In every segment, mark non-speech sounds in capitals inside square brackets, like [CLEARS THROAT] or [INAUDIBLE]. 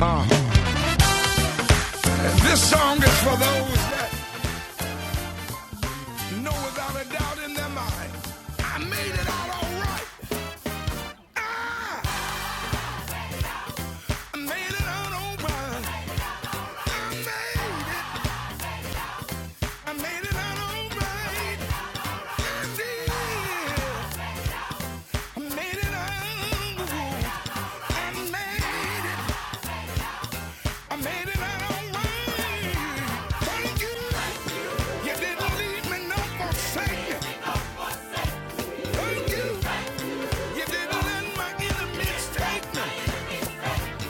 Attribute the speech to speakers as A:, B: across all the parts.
A: Uh, this song is for those that know without a doubt in their mind. I made it out all right. I made it out all right. I made it. I made it out all right. I did. I made it out. all right, I made it. I made it out all right. Thank you. You didn't leave me no forsaken. Thank you. You didn't let my enemies take me.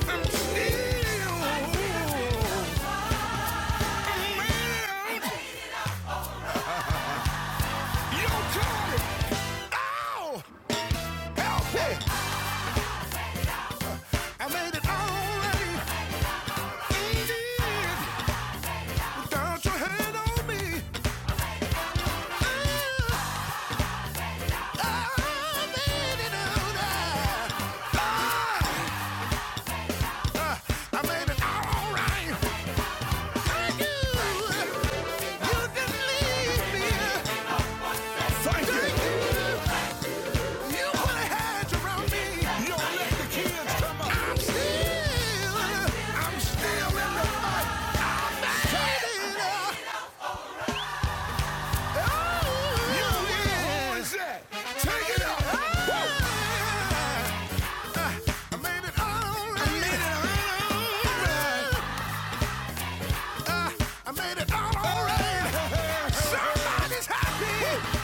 A: I'm still around your corner. Oh, help me. I made it already. Indeed, without your hand on me. Ah, I made it out. Ah, ah, I made it all right. Thank you. You didn't leave me. Thank you. You put a hedge around me. don't let the kids come up. I'm still, I'm still in the fight. Turn it up. Oh, you yeah. Take it up. Ah, I made it all right. all right. Ah, I made it all all right. Somebody's happy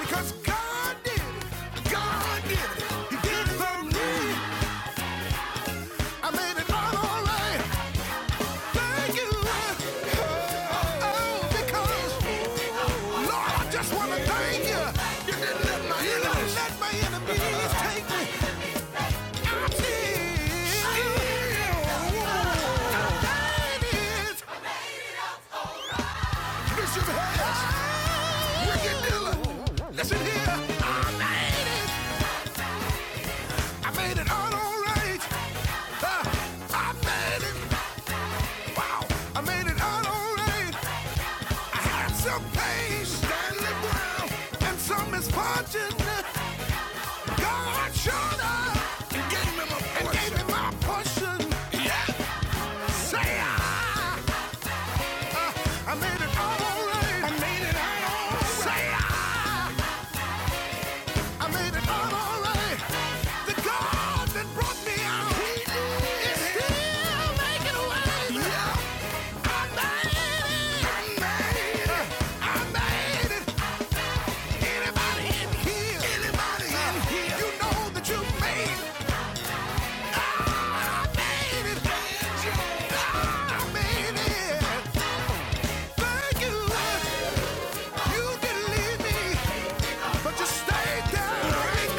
A: because God did it. God did it. He did it for me. I made it all all right. Listen here, I made it. I made it all alright. I made it. Wow. I made it out all right. Some pain standing ground, and some misfortune. God showed up and gave me my portion. And gave me my portion. Yeah. Say I, I made it all alright. I made it all alright. Say I, I made it all alright. The God that brought me out, He is still making a way. Yeah. I made it. I made it. I made it. right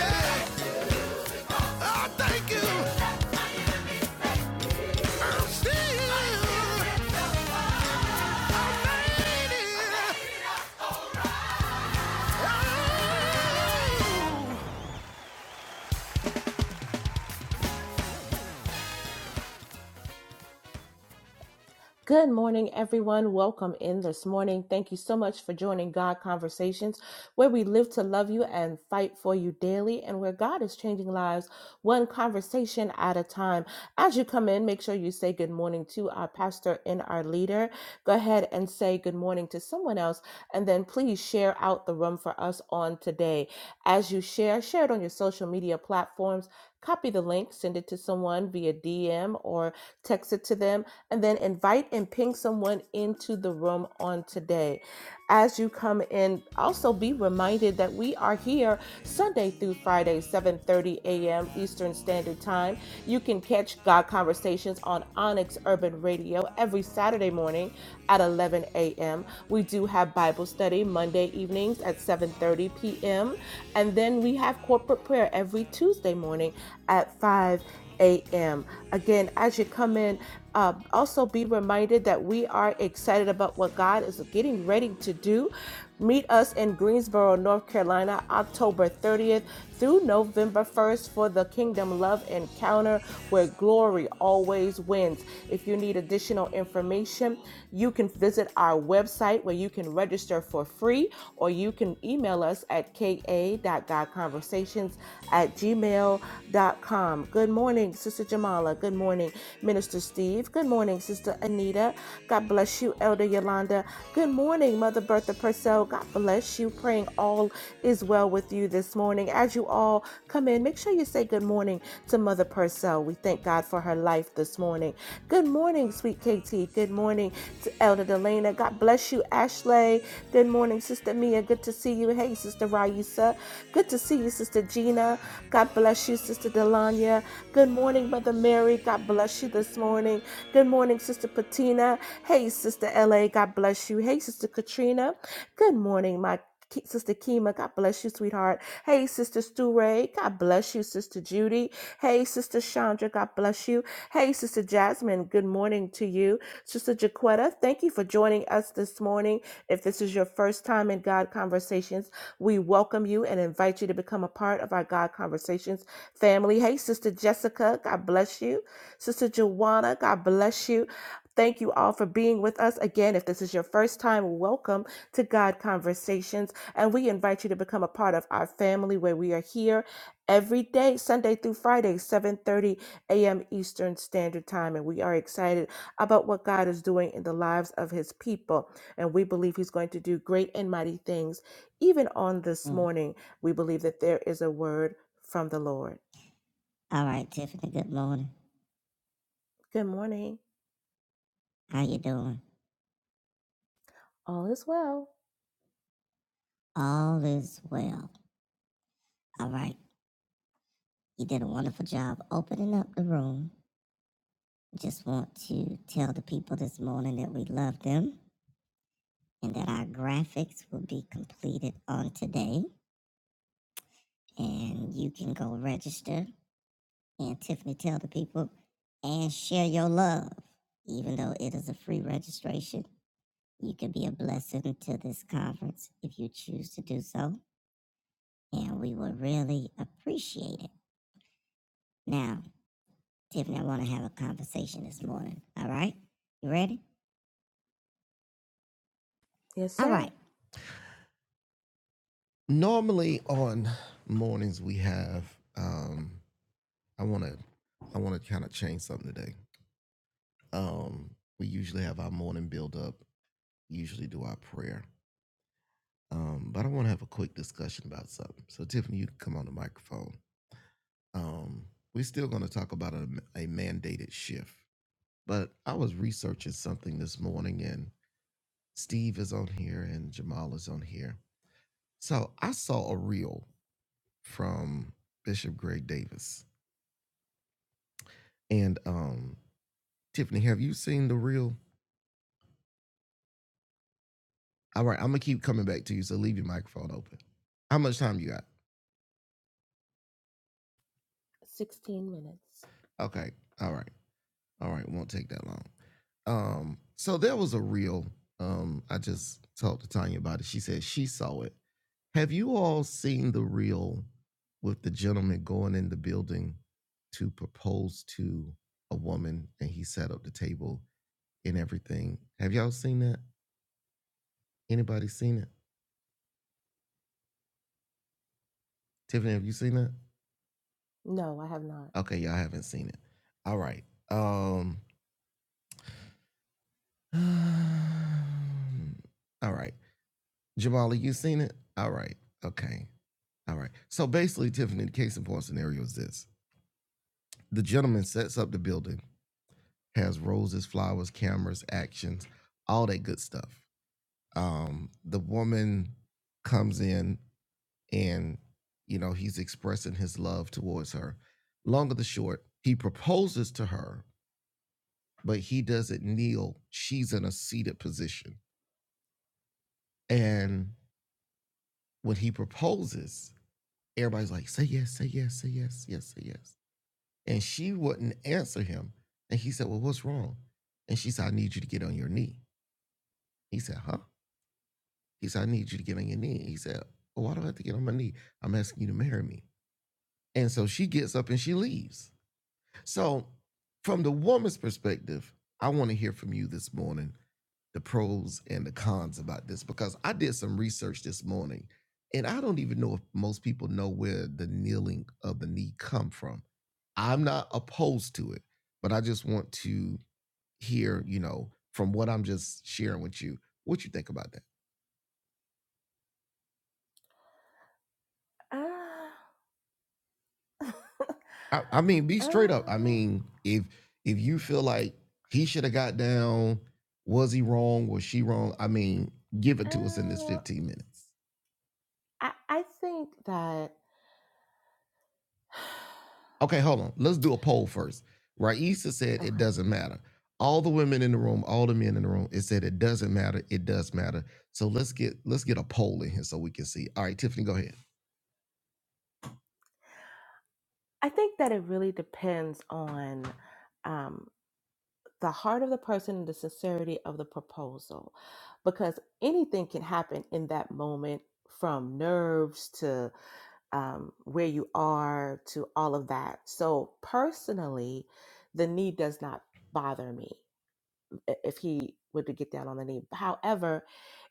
B: Good morning, everyone. Welcome in this morning. Thank you so much for joining God Conversations, where we live to love you and fight for you daily, and where God is changing lives one conversation at a time. As you come in, make sure you say good morning to our pastor and our leader. Go ahead and say good morning to someone else, and then please share out the room for us on today. As you share, share it on your social media platforms. Copy the link, send it to someone via DM or text it to them and then invite and ping someone into the room on today. As you come in, also be reminded that we are here Sunday through Friday, 7:30 a.m. Eastern Standard Time. You can catch God Conversations on Onyx Urban Radio every Saturday morning at 11 a.m. We do have Bible study Monday evenings at 7:30 p.m. and then we have corporate prayer every Tuesday morning at 5 a.m. Again, as you come in uh, also, be reminded that we are excited about what God is getting ready to do. Meet us in Greensboro, North Carolina, October 30th through November 1st for the Kingdom Love Encounter where glory always wins. If you need additional information, you can visit our website where you can register for free or you can email us at ka.godconversations at gmail.com. Good morning, Sister Jamala. Good morning. Minister Steve. Good morning, Sister Anita. God bless you, Elder Yolanda. Good morning, Mother Bertha Purcell. God bless you. Praying all is well with you this morning. As you all come in, make sure you say good morning to Mother Purcell. We thank God for her life this morning. Good morning, sweet KT. Good morning to Elder Delana. God bless you, Ashley. Good morning, Sister Mia. Good to see you. Hey, Sister Raisa. Good to see you, Sister Gina. God bless you, Sister Delanya. Good morning, Mother Mary. God bless you this morning. Good morning, Sister Patina. Hey, Sister LA. God bless you. Hey, Sister Katrina. Good morning, my Ki- Sister Kima, God bless you, sweetheart. Hey, Sister Stu Ray, God bless you, Sister Judy. Hey, Sister Chandra, God bless you. Hey, Sister Jasmine, good morning to you. Sister Jaquetta, thank you for joining us this morning. If this is your first time in God Conversations, we welcome you and invite you to become a part of our God Conversations family. Hey, Sister Jessica, God bless you. Sister Joanna, God bless you. Thank you all for being with us. Again, if this is your first time, welcome to God Conversations. And we invite you to become a part of our family where we are here every day, Sunday through Friday, 7:30 a.m. Eastern Standard Time. And we are excited about what God is doing in the lives of his people. And we believe he's going to do great and mighty things. Even on this
A: Mm.
B: morning, we believe that there is a word from the Lord.
A: All right, Tiffany, good morning.
B: Good morning.
A: How you doing?
B: All is well.
A: All is well. All right. You did a wonderful job opening up the room. Just want to tell the people this morning that we love them and that our graphics will be completed on today. And you can go register. And Tiffany, tell the people and share your love. Even though it is a free registration, you can be a blessing to this conference if you choose to do so. And we will really appreciate it. Now, Tiffany, I want to have a conversation this morning. All right? You ready?
B: Yes,
A: All right.
B: sir.
A: normally on mornings we have um i want to i want to kind of change something today um we usually have our morning build up usually do our prayer um but i want to have a quick discussion about something so tiffany you can come on the microphone um we're still going to talk about a, a mandated shift but i was researching something this morning and steve is on here and jamal is on here so i saw a reel from bishop greg davis And um, Tiffany, have you seen the real? All right, I'm gonna keep coming back to you, so leave your microphone open. How much time you got?
B: 16 minutes.
A: Okay, all right, all right, won't take that long. Um, so there was a real. Um, I just talked to Tanya about it. She said she saw it. Have you all seen the real with the gentleman going in the building to propose to a woman and he set up the table and everything? Have y'all seen that? Anybody seen it? Tiffany, have you seen that?
B: No, I have not.
A: Okay, y'all haven't seen it. All right. Um. [SIGHS] all right. Jamali, you seen it? All right. Okay. All right. So basically, Tiffany, the case in point scenario is this: the gentleman sets up the building, has roses, flowers, cameras, actions, all that good stuff. Um, the woman comes in, and you know he's expressing his love towards her. Long of the short, he proposes to her but he doesn't kneel. She's in a seated position. And when he proposes, everybody's like, say yes, say yes, say yes, yes, say yes. And she wouldn't answer him. And he said, Well, what's wrong? And she said, I need you to get on your knee. He said, Huh? He said, I need you to get on your knee. He said, Well, why do I have to get on my knee? I'm asking you to marry me. And so she gets up and she leaves. So, from the woman's perspective, I want to hear from you this morning. the pros and the cons about this because I did some research this morning and I don't even know if most people know where the kneeling of the knee come from. I'm not opposed to it, but I just want to hear, you know, from what I'm just sharing with you, what you think about that.
B: Ah,
A: I, I mean,
B: [SIGHS]
A: be straight up. I
B: oh,
A: mean, if if you feel like he should have got down, was he wrong? Was she wrong? I mean, give it to us in this
B: oh.
A: 15 minutes.
B: I, I think that, [SIGHS]
A: Okay, hold on. Let's do a poll first. Raisa said it
B: okay.
A: doesn't matter. All the women in the room, all the men in the room, it said it doesn't matter. It does matter. So let's get let's get a poll in here so we can see. All right, Tiffany, go ahead.
B: I think that it really depends on um, the heart of the person and the sincerity of the proposal because anything can happen in that moment from nerves to. um, where you are to all of that. So personally, the knee does not bother me i- if he were to get down on the knee. However,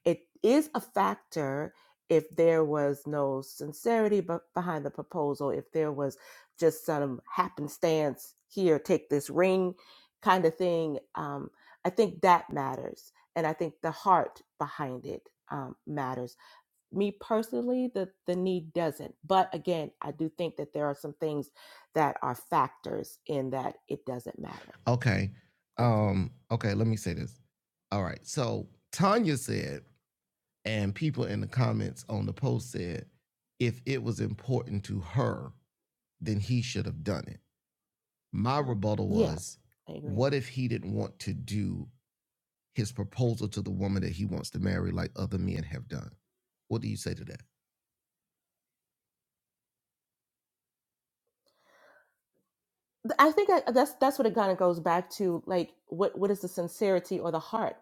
B: it is a factor if there was no sincerity be- behind the proposal, if there was just some happenstance here, take this ring kind of thing. Um, I think that matters. And I think the heart behind it um, matters me personally the the need doesn't but again i do think that there are some things that are factors in that it doesn't matter
A: Okay.
B: that's me
A: Um, okay, let me say this. All right. So Tanya said, and people in the comments on the post said, if it was important to her, then he should have done it. My rebuttal
B: yeah
A: was,
B: i agree
A: what if he didn't want to do his proposal to the woman that he wants to marry, like other men have done. What do you say to that?
B: I think I, that's that's what it kind of goes back to, like what what is the sincerity or the heart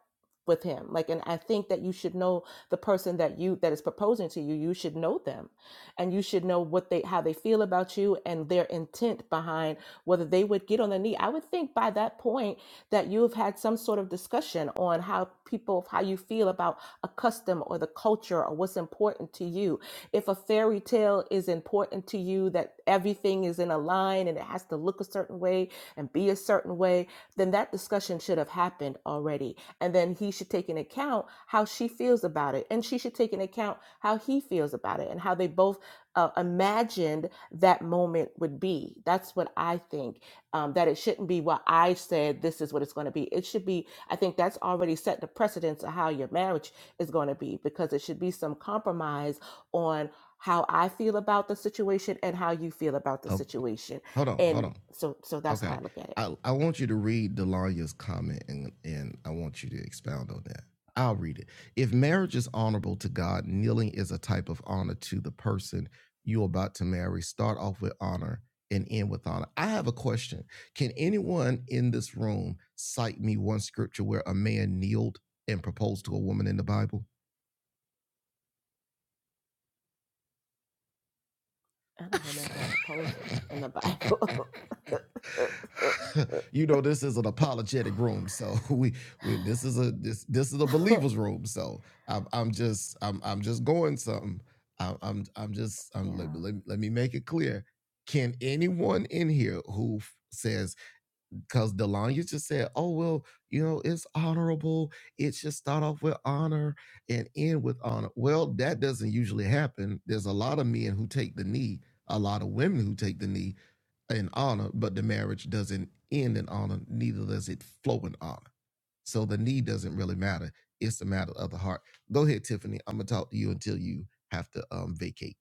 B: with him? Like, and I think that you should know the person that you that is proposing to you. You should know them, and you should know what they how they feel about you and their intent behind whether they would get on their knee. I would think by that point that you have had some sort of discussion on how people how you feel about a custom or the culture or what's important to you if a fairy tale is important to you, that everything is in a line and it has to look a certain way and be a certain way, then that discussion should have happened already. And then he should take into account how she feels about it. And she should take into account how he feels about it and how they both uh, imagined that moment would be. That's what I think. Um, that it shouldn't be what I said, this is what it's going to be. It should be, I think that's already set the precedence of how your marriage is going to be because it should be some compromise on how I feel about the situation and how you feel about the
A: Oh,
B: situation.
A: hold on, hold
B: And
A: on.
B: so so that's how
A: Okay,
B: I look at it.
A: I I want you to read Delania's comment, and and I want you to expound on that. I'll read it. If marriage is honorable to God, kneeling is a type of honor to the person you're about to marry. Start off with honor and end with honor. I have a question. Can anyone in this room cite me one scripture where a man kneeled and proposed to a woman in the Bible?
B: I
A: [LAUGHS]
B: don't remember a proposal in the Bible.
A: you know this is an apologetic room so [LAUGHS] we, we this is a this this is a believers room so i'm, I'm just I'm, I'm just going some i'm i'm, I'm just
B: [LAUGHS]
A: I'm, let,
B: yeah.
A: let, me- let me make it clear can anyone in here who f- says because Delanya just said, "Oh well, you know, it's honorable. It should start off with honor and end with honor." Well, that doesn't usually happen. There's a lot of men who take the knee, a lot of women who take the knee in honor, but the marriage doesn't end in honor. Neither does it flow in honor. So the knee doesn't really matter. It's a matter of the heart. Go ahead, Tiffany. I'm gonna talk to you until you have to um, vacate.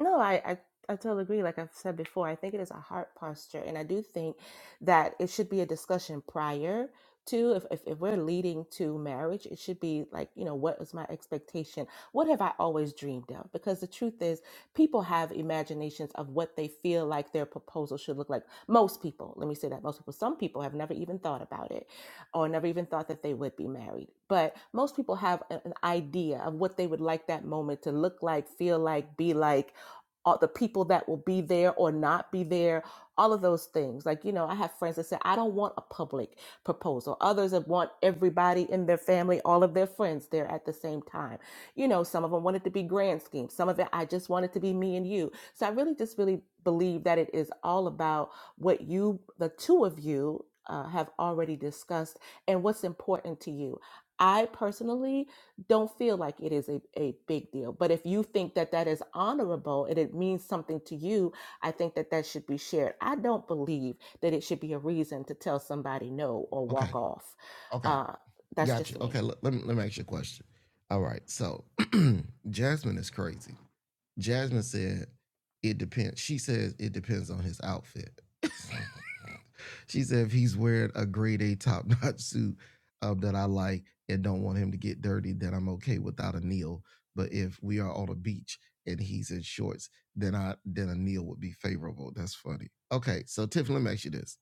B: No, I, I, I totally agree. Like I've said before, I think it is a heart posture. And I do think that it should be a discussion prior to, if, if, if we're leading to marriage, it should be like, you know, what is my expectation? What have I always dreamed of? Because the truth is, people have imaginations of what they feel like their proposal should look like. Most people, let me say that, most people, some people have never even thought about it or never even thought that they would be married. But most people have a- an idea of what they would like that moment to look like, feel like, be like all the people that will be there or not be there, all of those things. Like, you know, I have friends that say, I don't want a public proposal. Others that want everybody in their family, all of their friends there at the same time. You know, some of them want it to be grand schemes. Some of it, I just want it to be me and you. So I really just really believe that it is all about what you, the two of you, uh, have already discussed and what's important to you. I personally don't feel like it is a, a big deal. But if you think that that is honorable and it means something to you, I think that that should be shared. I don't believe that it should be a reason to tell somebody no or
A: Okay.
B: walk off.
A: Okay.
B: Uh, that's
A: Gotcha.
B: just me.
A: Okay. Let, let me let me ask you a question. All right. So [CLEARS THROAT] Jasmine is crazy Jasmine said, it depends. She says it depends on his outfit. [LAUGHS] she said if he's wearing a grade A top notch suit um, that I like and don't want him to get dirty, then I'm okay without a kneel. But if we are on a beach and he's in shorts, then I then a kneel would be favorable. That's funny. Okay, so Tiffany, let me ask you this.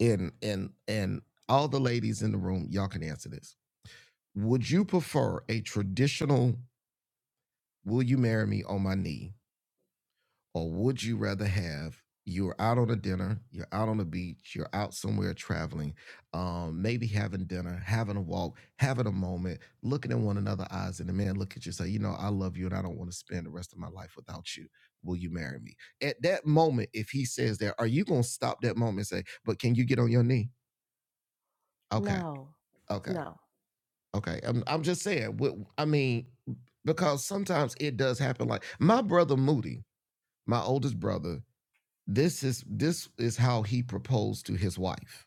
A: And and and all the ladies in the room, y'all can answer this. Would you prefer a traditional will you marry me on my knee or would you rather have you're out on a dinner, you're out on a beach, you're out somewhere traveling, um, maybe having dinner, having a walk, having a moment, looking in one another eyes, and the man look at you and say, you know, I love you and I don't want to spend the rest of my life without you. Will you marry me? At that moment, if he says that, are you gonna stop that moment and say, but can you get on your knee? Okay,
B: No,
A: okay,
B: no.
A: okay. I'm, I'm just saying, what I mean, because sometimes it does happen. Like my brother Moody, my oldest brother, This is this is how he proposed to his wife,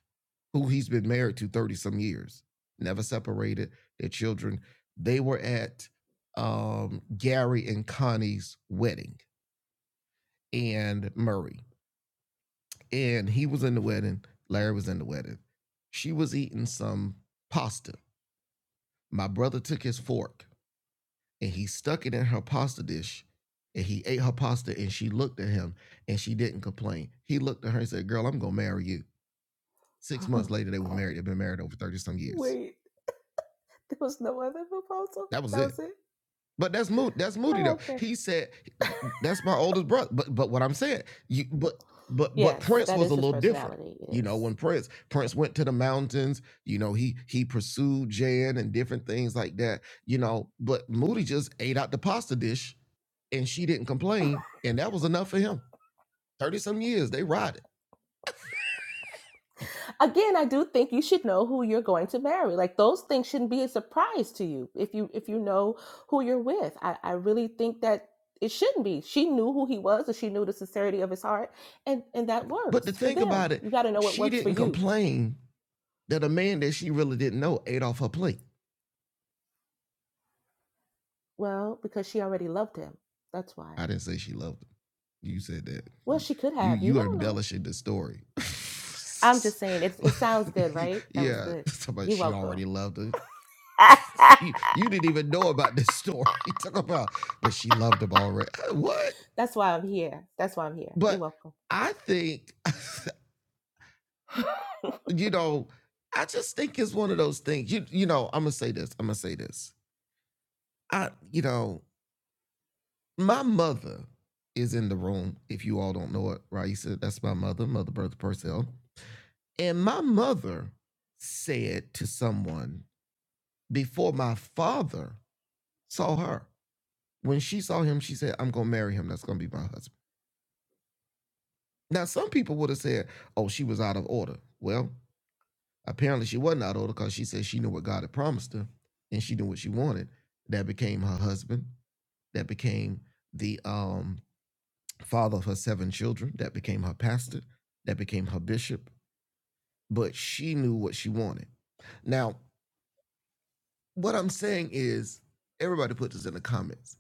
A: who he's been married to 30 some years, never separated, their children. They were at um Gary and Connie's wedding and Murray. And he was in the wedding, Larry was in the wedding. She was eating some pasta. My brother took his fork and he stuck it in her pasta dish and he ate her pasta and she looked at him and she didn't complain. He looked at her and said, Girl, I'm gonna marry you. Six months
B: [LAUGHS]
A: later, they were married. They've been married over 30 some years.
B: Wait, there was no other proposal?
A: That was
B: That
A: it.
B: was it?
A: But that's moody. That's moody though.
B: Oh, okay.
A: He said,
B: [LAUGHS]
A: "That's my oldest brother." But but what I'm saying, you but but but
B: Yes,
A: Prince
B: that
A: was a
B: is his
A: little different.
B: personality. It
A: You
B: is.
A: know, when Prince Prince
B: Yeah.
A: went to the mountains, you know he he pursued Jan and different things like that. You know, but Moody just ate out the pasta dish, and she didn't
B: [LAUGHS]
A: complain, and that was enough for him. Thirty some years they rotted.
B: again i do think you should know who you're going to marry like those things shouldn't be a surprise to you if you if you know who you're with i, I really think that it shouldn't be she knew who he was and she knew the sincerity of his heart and and that
A: But to
B: works for
A: think
B: them
A: about it,
B: you got to know what
A: she
B: works for
A: didn't
B: you
A: complain that a man that she really didn't know ate off her plate.
B: well because she already loved him that's why
A: I didn't say she loved him. You said that.
B: well
A: You
B: she could
A: you
B: have you
A: you are
B: don't know
A: embellishing the story.
B: i'm just saying it, it sounds good
A: [LAUGHS]
B: right that was
A: yeah,
B: good
A: somebody
B: you're
A: she
B: welcome
A: already loved him. [LAUGHS] You,
B: [LAUGHS]
A: you didn't even know about this story. [LAUGHS] Talk about, but she loved him already. Uh, What?
B: that's why i'm here that's why i'm here you're
A: But
B: welcome
A: I think,
B: [LAUGHS]
A: [LAUGHS] you know, I just think it's one of those things. You you know, I'm gonna say this. I'm gonna say this. I you know, my mother is in the room. If you all don't know it, Raisa, that's my mother, Mother Bertha Purcell. And my mother said to someone before my father saw her, when she saw him, she said, I'm going to marry him. That's going to be my husband. Now, some people would have said, oh, she was out of order. Well, apparently she wasn't out of order because she said she knew what God had promised her and she knew what she wanted. That became her husband. That became the um, father of her seven children. That became her pastor. That became her bishop. But she knew what she wanted. Now, What I'm saying is, everybody put this in the comments.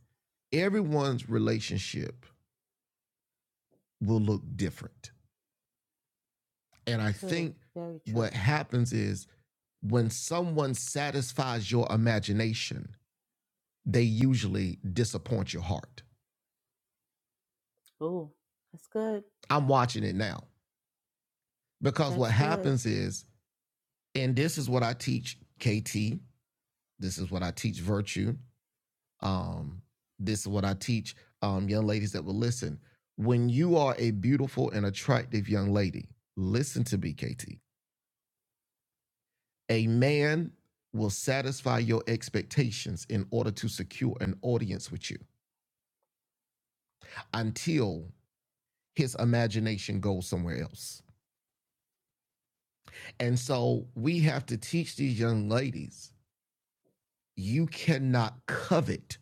A: Everyone's relationship will look different. And I
B: true
A: think
B: very
A: what
B: true
A: happens is when someone satisfies your imagination, they usually disappoint your heart.
B: Oh, that's good.
A: I'm watching it now because what
B: That's good.
A: happens is, and this is what I teach KT, this is what I teach virtue, Um, this is what I teach um, young ladies that will listen. When you are a beautiful and attractive young lady, listen to me, KT. A man will satisfy your expectations in order to secure an audience with you until his imagination goes somewhere else. And so we have to teach these young ladies you cannot covet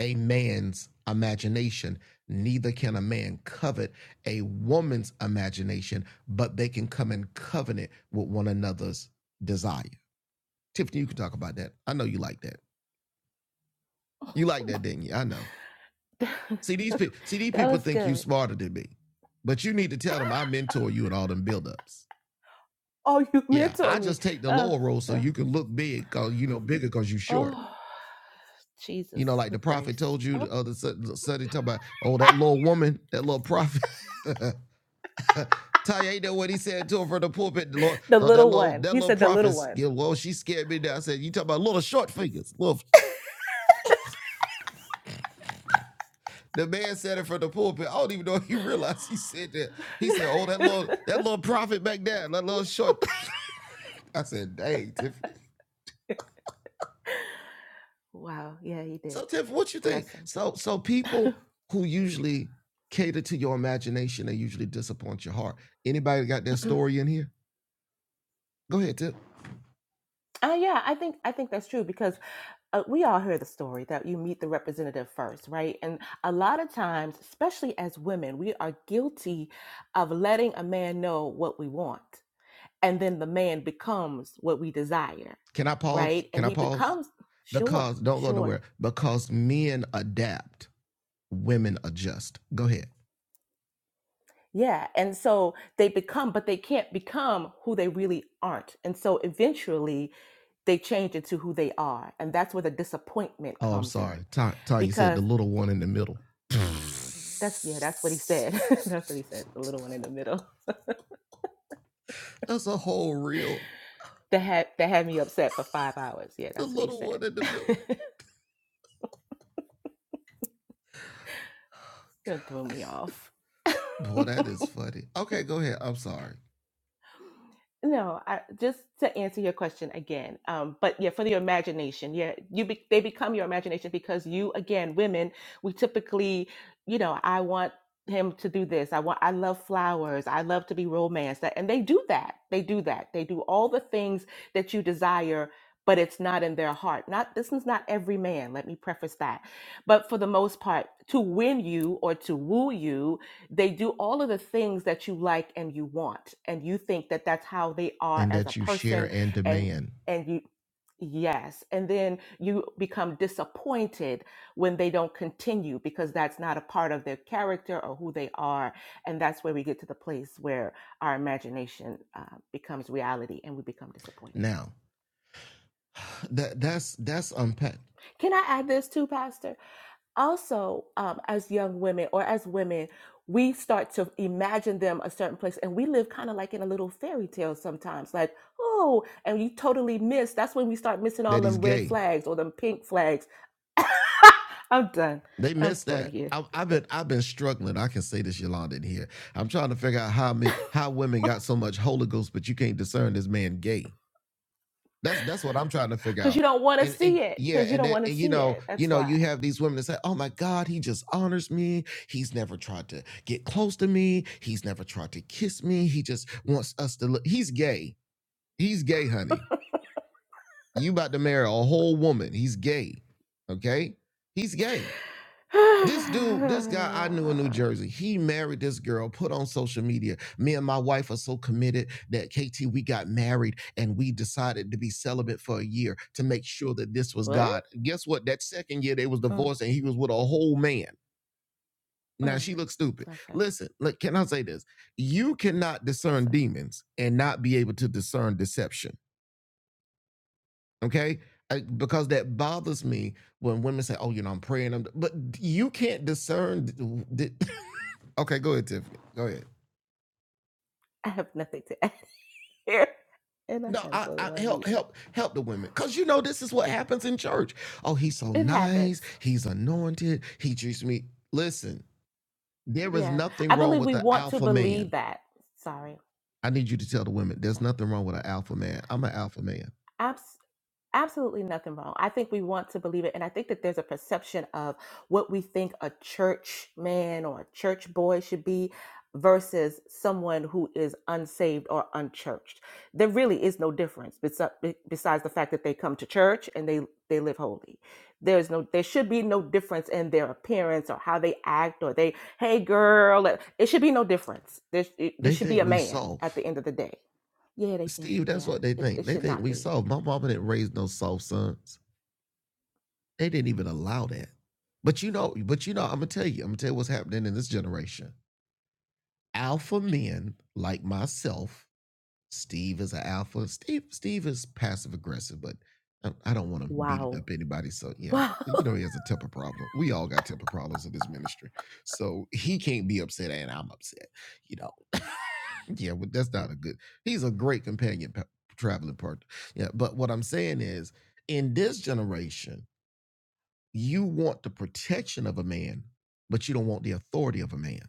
A: a man's imagination. Neither can a man covet a woman's imagination, but they can come in covenant with one another's desire. Tiffany, you can talk about that. I know you like that. You like that, didn't you? I know.
B: [LAUGHS] that
A: See these people. See these people
B: was
A: think you
B: good.
A: smarter than me, but you need to tell them I mentor you in all them buildups.
B: Oh, you
A: Yeah,
B: mentor
A: I
B: me.
A: just take the
B: Oh,
A: lower role so
B: oh,
A: you can look big, cause you know bigger, cause you short.
B: oh, [SIGHS]
A: You know,
B: Jesus
A: like
B: the
A: the prophet
B: Christ.
A: told you the
B: Oh,
A: other Sun- Sunday, talk about, oh that little woman, that little prophet. [LAUGHS] [LAUGHS] Taya, ain't that what he said to her from the pulpit? The Lord,
B: the
A: so that
B: little
A: little
B: one.
A: that
B: He
A: little
B: said the little
A: prophet,
B: one.
A: you know, well, she scared me down. I said, You talking about little short fingers. Little the man said it from the pulpit. I don't even know if he realized he said that. He said, Oh, that
B: [LAUGHS]
A: little that little prophet back there, that little short. [LAUGHS] I said, dang, Tiffany.
B: wow. Yeah, he did.
A: So Tiffany, what you think?
B: Bless him.
A: So so people who usually cater to your imagination, they usually disappoint your heart. Anybody got their
B: [CLEARS THROAT]
A: story in here? Go ahead, Tiff.
B: uh, yeah, I think I think that's true because uh, we all hear the story that you meet the representative first, right? And a lot of times, especially as women, we are guilty of letting a man know what we want and then the man becomes what we desire
A: Can I pause?
B: right
A: Can
B: and
A: I
B: he
A: pause?
B: becomes sure
A: Because don't go
B: sure
A: nowhere. Because men adapt, women adjust. Go ahead.
B: yeah and so they become but they can't become who they really aren't and so eventually they change into who they are and that's where the disappointment
A: Oh, I'm
B: comes
A: sorry.
B: in
A: Ta- Tanya said
B: because
A: the little one in the middle. [LAUGHS]
B: that's yeah that's what he said [LAUGHS] that's what he said the little one in the middle
A: That's a whole reel.
B: that had that had me upset for five hours yeah
A: The
B: that's what he
A: little
B: said
A: one in the middle.
B: [LAUGHS]
A: God,
B: don't throw me off [LAUGHS]
A: Boy, that is funny. Okay, go ahead. I'm sorry.
B: No, I, just to answer your question again. Um, but yeah, for the imagination, yeah, you be, they become your imagination because you, again, women, we typically, you know, I want him to do this. I want, I love flowers. I love to be romanced, and they do that. They do that. They do all the things that you desire, but it's not in their heart. Not this is not every man. Let me preface that. But for the most part, to win you or to woo you they do all of the things that you like and you want and you think that that's how they are
A: And
B: as a
A: that you share
B: person
A: and
B: and
A: demand.
B: and you yes and then you become disappointed when they don't continue because that's not a part of their character or who they are and that's where we get to the place where our imagination uh, becomes reality and we become disappointed
A: Now, [SIGHS] that that's that's unpacked.
B: can i add this too pastor also um, as young women or as women we start to imagine them a certain place and we live kind of like in a little fairy tale sometimes like oh and you totally miss that's when we start missing all
A: That he's
B: them red
A: gay.
B: flags or them pink flags i'm done
A: They
B: i'm
A: missed
B: done
A: that.
B: here
A: I, I've
B: [LAUGHS]
A: been I've been struggling. I can say this, Yolanda, in here. I'm trying to figure out how men, how women got so much Holy Ghost, but you can't discern this man gay. That's that's what I'm trying to figure
B: because
A: out.
B: you don't want to
A: And,
B: see
A: and
B: it
A: yeah,
B: because you
A: and,
B: don't
A: they,
B: want to
A: and you
B: see
A: know,
B: it
A: you
B: that's
A: know,
B: why [SIGHS]
A: you have these women that say, "Oh my God, he just honors me. He's never tried to get close to me. He's never tried to kiss me. He just wants us to look. He's gay. He's gay, honey. You about to marry a whole woman. He's gay. Okay, he's gay." This dude, this guy I knew in New Jersey, he married this girl, put on social media. Me and my wife are so committed that KT, we got married and we decided to be celibate for a year to make sure that this was
B: what
A: God. Guess what? That second year they was
B: mm,
A: divorced and he was with a whole man. Now
B: mm.
A: she looks stupid.
B: bless her
A: Listen, look, can I say this? You cannot
B: bless
A: discern
B: her
A: demons and not be able to discern deception. Okay? I- because that bothers me when women say, "Oh, you know, I'm praying," I'm, but you can't discern. D- d- Okay, go ahead, Tiffany. Go ahead.
B: [LAUGHS] i have nothing to add [LAUGHS] here and i
A: No,
B: gotta
A: I,
B: go to
A: I
B: my
A: help
B: meeting
A: help help the women because you know this is what happens in church. Oh, he's so
B: it
A: nice.
B: happens
A: He's anointed. He treats me. Listen, there is
B: Yeah.
A: nothing
B: I
A: wrong
B: believe
A: with
B: we
A: an
B: want to
A: alpha man.
B: believe that. Sorry.
A: I need you to tell the women there's
B: Sorry.
A: nothing wrong with an alpha man. I'm an alpha man.
B: Abs- absolutely nothing wrong. I think we want to believe it. And I think that there's a perception of what we think a church man or a church boy should be versus someone who is unsaved or unchurched. There really is no difference besi- be- besides the fact that they come to church and they they live holy. There's no there should be no difference in their appearance or how they act or they hey girl uh, it should be no difference. There, it, there
A: They
B: should be
A: think
B: a
A: we
B: man
A: soft.
B: at the end of the day. Yeah, they think
A: Steve, that's
B: yeah,
A: what they
B: it,
A: think.
B: it
A: They
B: should
A: think
B: not
A: we
B: be.
A: soft. My mama didn't raise no soft sons. They didn't even allow that. But you know, but you know, I'm gonna tell you, I'm gonna tell you what's happening in this generation. Alpha men like myself Steve is an alpha. Steve Steve is passive aggressive, but I, I don't want to beating
B: Wow.
A: up anybody. So
B: [LAUGHS]
A: yeah,
B: Wow.
A: you know he has a temper problem. We all got temper problems in this ministry, so he can't be upset and I'm upset. You know, [LAUGHS] yeah, but that's not a good. He's a great companion pa- traveling partner. Yeah, but what I'm saying is, in this generation, you want the protection of a man, but you don't want the authority of a man.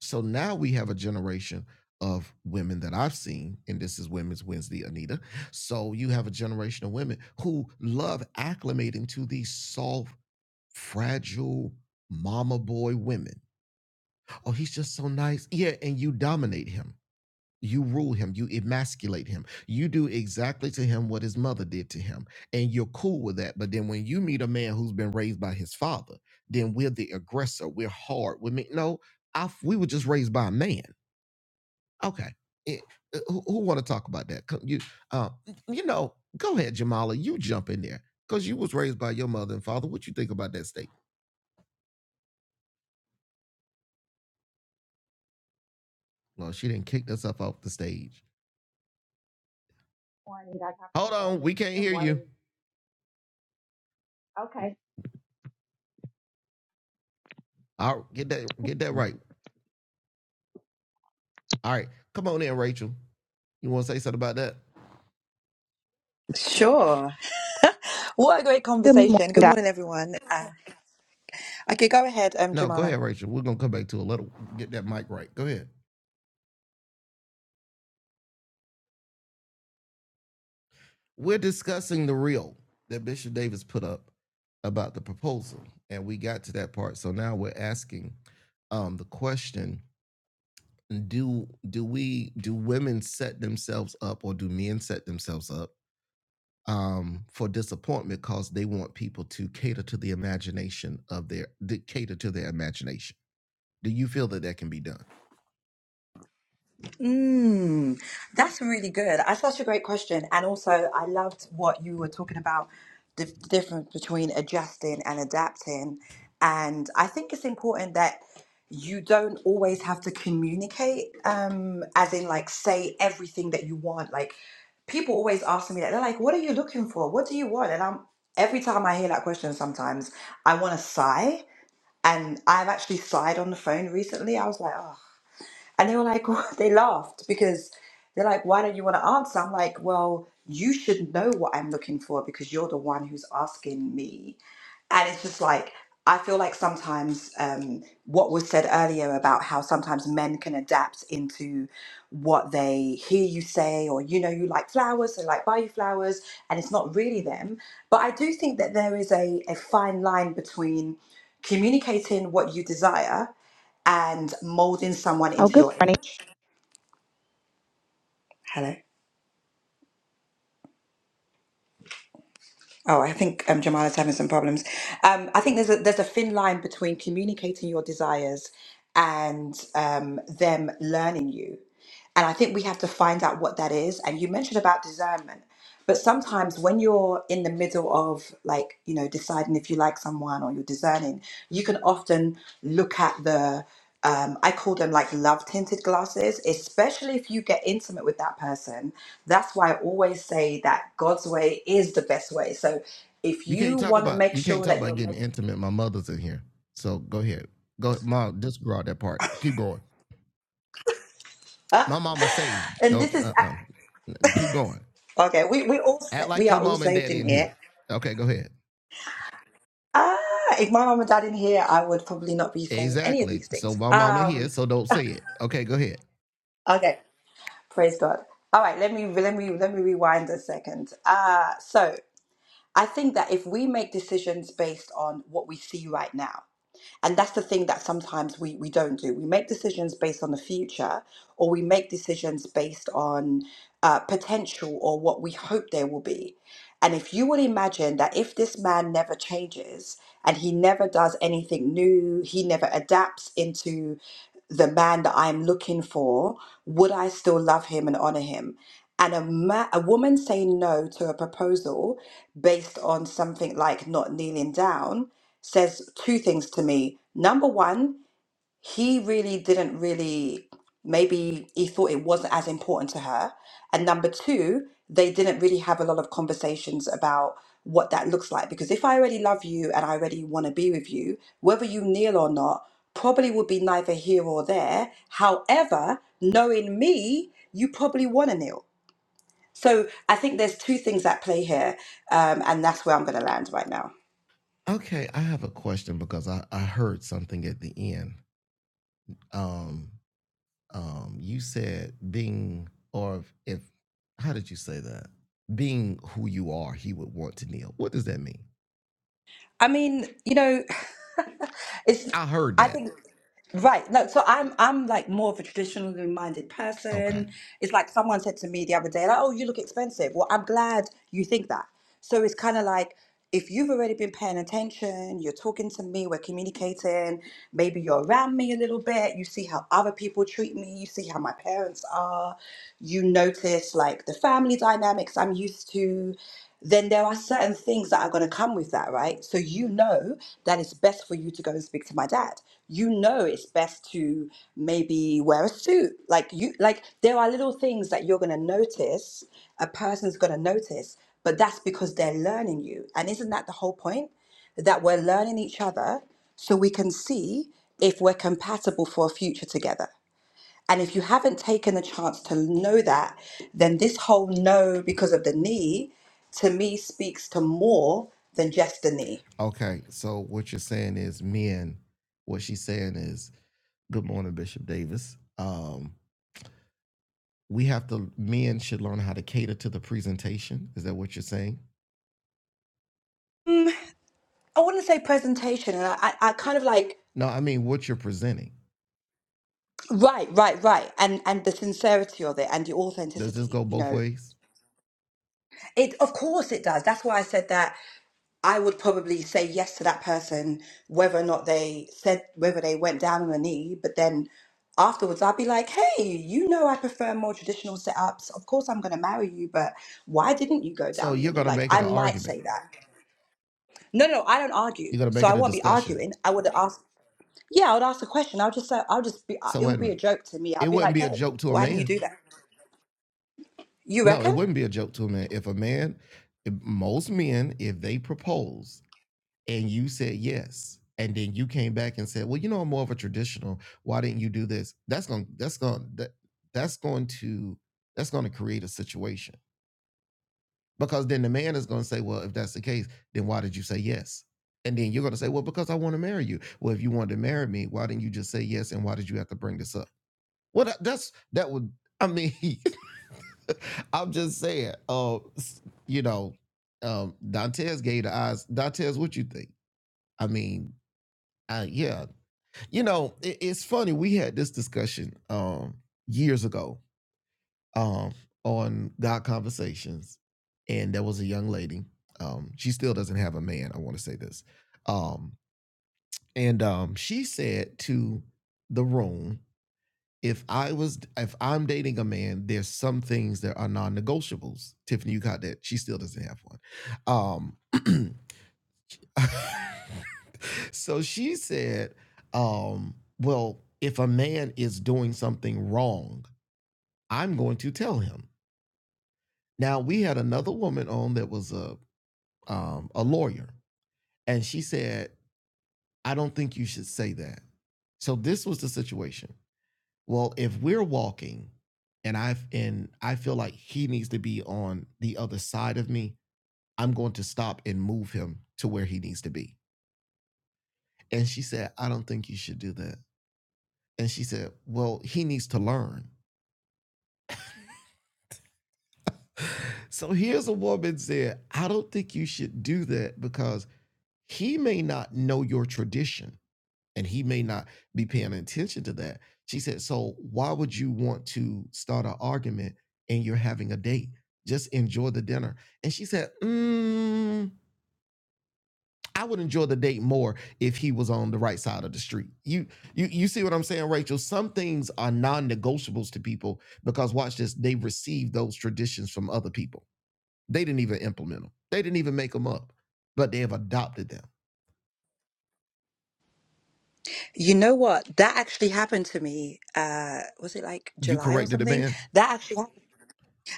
A: So now we have a generation of women that I've seen, and this is Women's Wednesday, Anita. So you have a generation of women who love acclimating to these soft, fragile mama boy women. Oh, he's just so nice. Yeah, and you dominate him. You rule him, you emasculate him. You do exactly to him what his mother did to him, and you're cool with that. But then when you meet a man who's been raised by his father, then we're the aggressor, we're hard. We mean, no, I, we were just raised by a man Okay. Eh, uh, who who want to talk about that? 'Cause You, uh, you know, go ahead, Jamala. You jump in there because you was raised by your mother and father. What you think about that statement? Well, she didn't kick herself off the stage. Hold on, we can't hear you. All right, get that, get that right. All right, come on in, Rachel. You want to say something about that?
C: Sure. What a great
D: Good morning,
C: conversation. Good
D: guys.
C: morning, everyone. Uh, okay, go ahead, um,
A: No, go
C: Jamala.
A: ahead, Rachel. We're gonna come back to a little. Get that mic right. Go ahead. We're discussing the reel that Bishop Davis put up about the proposal, and we got to that part. So now we're asking um, the question do do we do women set themselves up or do men set themselves up um for disappointment because they want people to cater to the imagination of their to cater to their imagination do you feel that that can be done
C: Mm, that's really good. That's such a great question. And also, I loved what you were talking about the the difference between adjusting and adapting. And I think it's important that you don't always have to communicate, um, as in, like, say everything that you want. Like, people always ask me that. They're like, what are you looking for? What do you want? And I'm, every time I hear that question, sometimes I want to sigh. And I've actually sighed on the phone recently. I was like, oh. And they were like, [LAUGHS] they laughed because they're like, why don't you want to answer? I'm like, well, you should know what I'm looking for because you're the one who's asking me and it's just like I feel like sometimes um, what was said earlier about how sometimes men can adapt into what they hear you say, or you know, you like flowers, so like buy you flowers, and it's not really them. But I do think that there is a, a fine line between communicating what you desire and molding someone
D: Oh,
C: into
D: good
C: your
D: morning.
C: image. Hello. Oh, I think um, Jamal is having some problems. Um, I think there's a, there's a thin line between communicating your desires and um, them learning you. And I think we have to find out what that is. And you mentioned about discernment, but sometimes when you're in the middle of like, you know, deciding if you like someone or you're discerning, you can often look at the, um, I call them like love tinted glasses, especially if you get intimate with that person. That's why I always say that God's way is the best way. So if
A: you can't
C: you
A: talk
C: want to
A: about
C: make
A: you can't
C: sure
A: talk
C: that
A: about
C: you're making,
A: getting intimate my mother's in here so go ahead go mom disregard that part keep going my mama say
C: [LAUGHS] and
A: don't
C: this is,
A: Uh. uh-uh keep going
C: okay, we, we all, sa-
A: act like
C: we
A: your
C: are all
A: mom and
C: saved
A: daddy
C: in
A: in here
C: here
A: okay go ahead
C: Ah, if my mum and dad in here, I would probably not be saying any of
A: exactly
C: these
A: so
C: things.
A: my mama here
C: Um,
A: so don't say it okay go ahead
C: okay, praise God. All right, let me let me let me rewind a second. Uh, so I think that if we make decisions based on what we see right now, And that's the thing that sometimes we, we don't do. We make decisions based on the future, or we make decisions based on uh, potential or what we hope there will be. And if you would imagine that if this man never changes and he never does anything new, he never adapts into the man that I'm looking for, would I still love him and honor him? And a, ma- a woman saying no to a proposal based on something like not kneeling down says two things to me. Number one, he really didn't really, maybe he thought it wasn't as important to her. And number two, they didn't really have a lot of conversations about what that looks like. Because if I already love you and I already want to be with you, whether you kneel or not, probably would be neither here or there. However, knowing me, you probably want to kneel. So I think there's two things at play here. Um, and that's where I'm going to land right now.
A: Okay, I have a question because I, I heard something at the end. Um, um, you said being, or if, if, how did you say that? Being who you are, he would want to kneel. What does that mean?
C: I mean, you know, [LAUGHS] it's
A: I heard
C: I
A: that.
C: think right. No, so I'm I'm like more of a traditionally minded
A: Okay.
C: person. It's like someone said to me the other day, like, "Oh, you look expensive." Well, I'm glad you think that. So it's kind of like if you've already been paying attention, you're talking to me, we're communicating, maybe you're around me a little bit, you see how other people treat me, you see how my parents are, you notice like the family dynamics I'm used to then there are certain things that are going to come with that, right? So you know that it's best for you to go and speak to my dad. You know it's best to maybe wear a suit. Like you like there are little things that you're going to notice, a person's going to notice, but that's because they're learning you. And isn't that the whole point? That we're learning each other so we can see if we're compatible for a future together. And if you haven't taken the chance to know that, then this whole no because of the knee to me speaks to more than just the knee.
A: Okay. So what you're saying is men, what she's saying is, good morning, Bishop Davis. Um, we have to, men should learn how to cater to the presentation. Is that what you're saying?
C: I wouldn't say presentation, and I, I I kind of like
A: No, I mean, what you're presenting.
C: right, right, right, and and the sincerity of it and the
A: Does this
C: authenticity.
A: go
C: You
A: both
C: know,
A: ways?
C: it of course it does. That's why I said that I would probably say yes to that person, whether or not they said, whether they went down on the knee. But then afterwards, I'd be like, hey, you know, I prefer more traditional setups. Of course, I'm going to marry you, but why didn't you go
A: So
C: down on your
A: you're
C: knee?
A: gonna
C: Like,
A: make it
C: I
A: an
C: might
A: argument.
C: say that. No, no, I don't argue.
A: You're gonna
C: So
A: make
C: I
A: it a
C: won't be
A: discussion.
C: arguing. I would ask, yeah, I would ask a question. I'll just say, I'll just be, uh,
A: So
C: it
A: wait a
C: would be a
A: minute.
C: joke to me.
A: It
C: I'll be
A: wouldn't
C: like,
A: be a
C: hey,
A: joke to a
C: why didn't you
A: man.
C: do that? You
A: No, it
C: reckon?
A: wouldn't be a joke to a man. If a man, if most men, if they propose and you said yes, and then you came back and said, Well, you know, I'm more of a traditional. Why didn't you do this? That's gonna that's gonna that, that's going to that's gonna create a situation. Because then the man is going to say, well, if that's the case, then why did you say yes? And then you're going to say, well, because I want to marry you. Well, if you wanted to marry me, why didn't you just say yes? And why did you have to bring this up? Well, that, that's, that would, I mean, [LAUGHS] I'm just saying, uh, you know, um, Dantes gave the eyes. Dantes, what you think? I mean, uh, yeah, you know, it, it's funny. We had this discussion um, years ago um, on God Conversations, and there was a young lady. Um, she still doesn't have a man. I want to say this, um, and um, she said to the room, "If I was, if I'm dating a man, there's some things that are non-negotiables." Tiffany, you got that? She still doesn't have one. Um, [CLEARS THROAT] so she said, um, "Well, if a man is doing something wrong, I'm going to tell him." Now we had another woman on that was a um, a lawyer, and she said, "I don't think you should say that." So this was the situation. Well, if we're walking, and I and I feel like he needs to be on the other side of me, I'm going to stop and move him to where he needs to be. And she said, "I don't think you should do that." And she said, "Well, he needs to learn." [LAUGHS] So here's a woman said, "I don't think you should do that because he may not know your tradition." and he may not be paying attention to that. She said, So why would you want to start an argument and you're having a date? Just enjoy the dinner. And she said, mm, I would enjoy the date more if he was on the right side of the street. You you you see what I'm saying, Rachel? Some things are non-negotiables to people because watch this, they received those traditions from other people. They didn't even implement them. They didn't even make them up, but they have adopted them.
C: You know what? That actually happened to me. Uh, was it like
A: You
C: July or
A: corrected a
C: something?
A: man.
C: That actually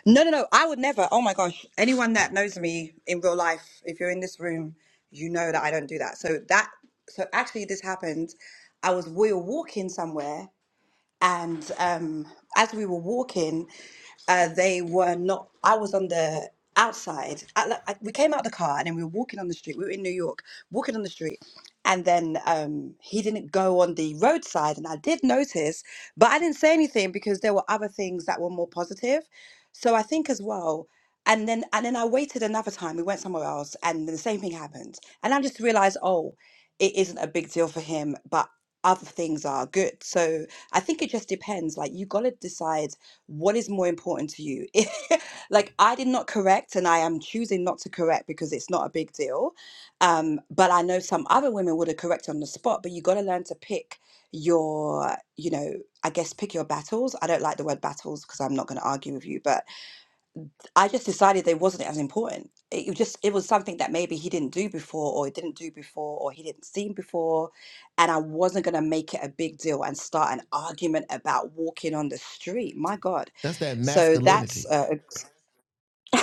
C: No, no, no. I would never. Oh my gosh. Anyone that knows me in real life, if you're in this room, you know that I don't do that. So that, so actually, this happened. I was we were walking somewhere, and um, as we were walking, uh, they were not. I was on the outside. I, like, I- we came out the car and then we were walking on the street. We were in New York, walking on the street, and then um, he didn't go on the roadside, and I did notice, but I didn't say anything because there were other things that were more positive. So I think as well. And then and then I waited another time. We went somewhere else, and the same thing happened. And I just realized, oh, it isn't a big deal for him, but other things are good. So I think it just depends. Like you gotta decide what is more important to you. [LAUGHS] Like I did not correct and I am choosing not to correct because it's not a big deal. Um, but I know some other women would have corrected on the spot, but you gotta learn to pick your, you know, I guess pick your battles. I don't like the word battles because I'm not gonna argue with you, but I just decided that it wasn't as important. It was just it was something that maybe he didn't do before, or he didn't do before, or he didn't see before, and I wasn't gonna make it a big deal and start an argument about walking on the street. My God,
A: That's that
C: so
A: masculinity
C: that's uh, [LAUGHS]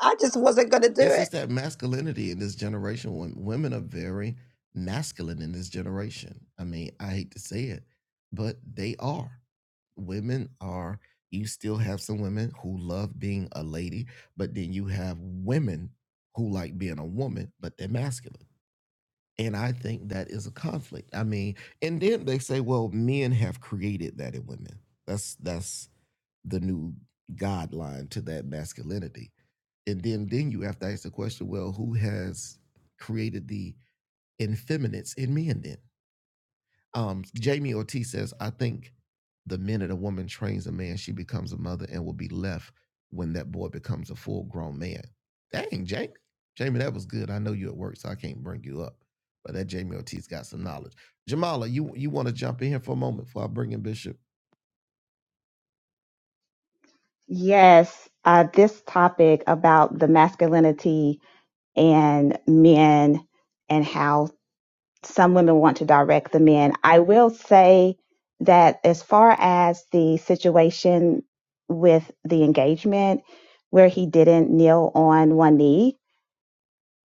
C: I just wasn't gonna do
A: It's
C: it.
A: just that masculinity in this generation. When women are very masculine in this generation. I mean, I hate to say it, but they are. Women are. You still have some women who love being a lady, but then you have women who like being a woman, but they're masculine. And I think that is a conflict. I mean, and then they say, well, men have created that in women. That's that's the new guideline to that masculinity and then then you have to ask the question well who has created the infeminates in men then um jamie ortiz says i think the minute a woman trains a man she becomes a mother and will be left when that boy becomes a full grown man dang jamie jamie that was good i know you at work so i can't bring you up but that jamie ortiz got some knowledge jamala you you want to jump in here for a moment before i bring in bishop
D: Yes, uh, this topic about the masculinity and men and how some women want to direct the men. I will say that as far as the situation with the engagement where he didn't kneel on one knee,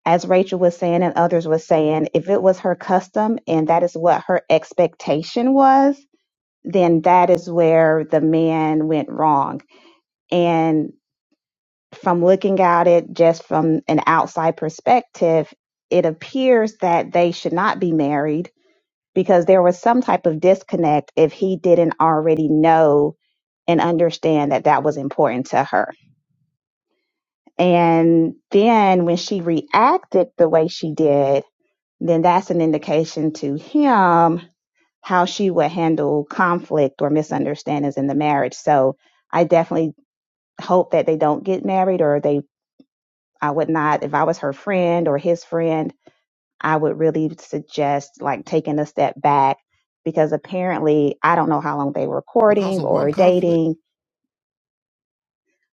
D: as Rachel was saying and others was saying, if it was her custom and that is what her expectation was, then that is where the man went wrong And from looking at it just from an outside perspective, it appears that they should not be married because there was some type of disconnect if he didn't already know and understand that that was important to her. And then when she reacted the way she did, then that's an indication to him how she would handle conflict or misunderstandings in the marriage. So I definitely hope that they don't get married or they I would not, if I was her friend or his friend, I would really suggest like taking a step back because apparently I don't know how long they were
A: because
D: courting
A: of one
D: or
A: conflict
D: dating.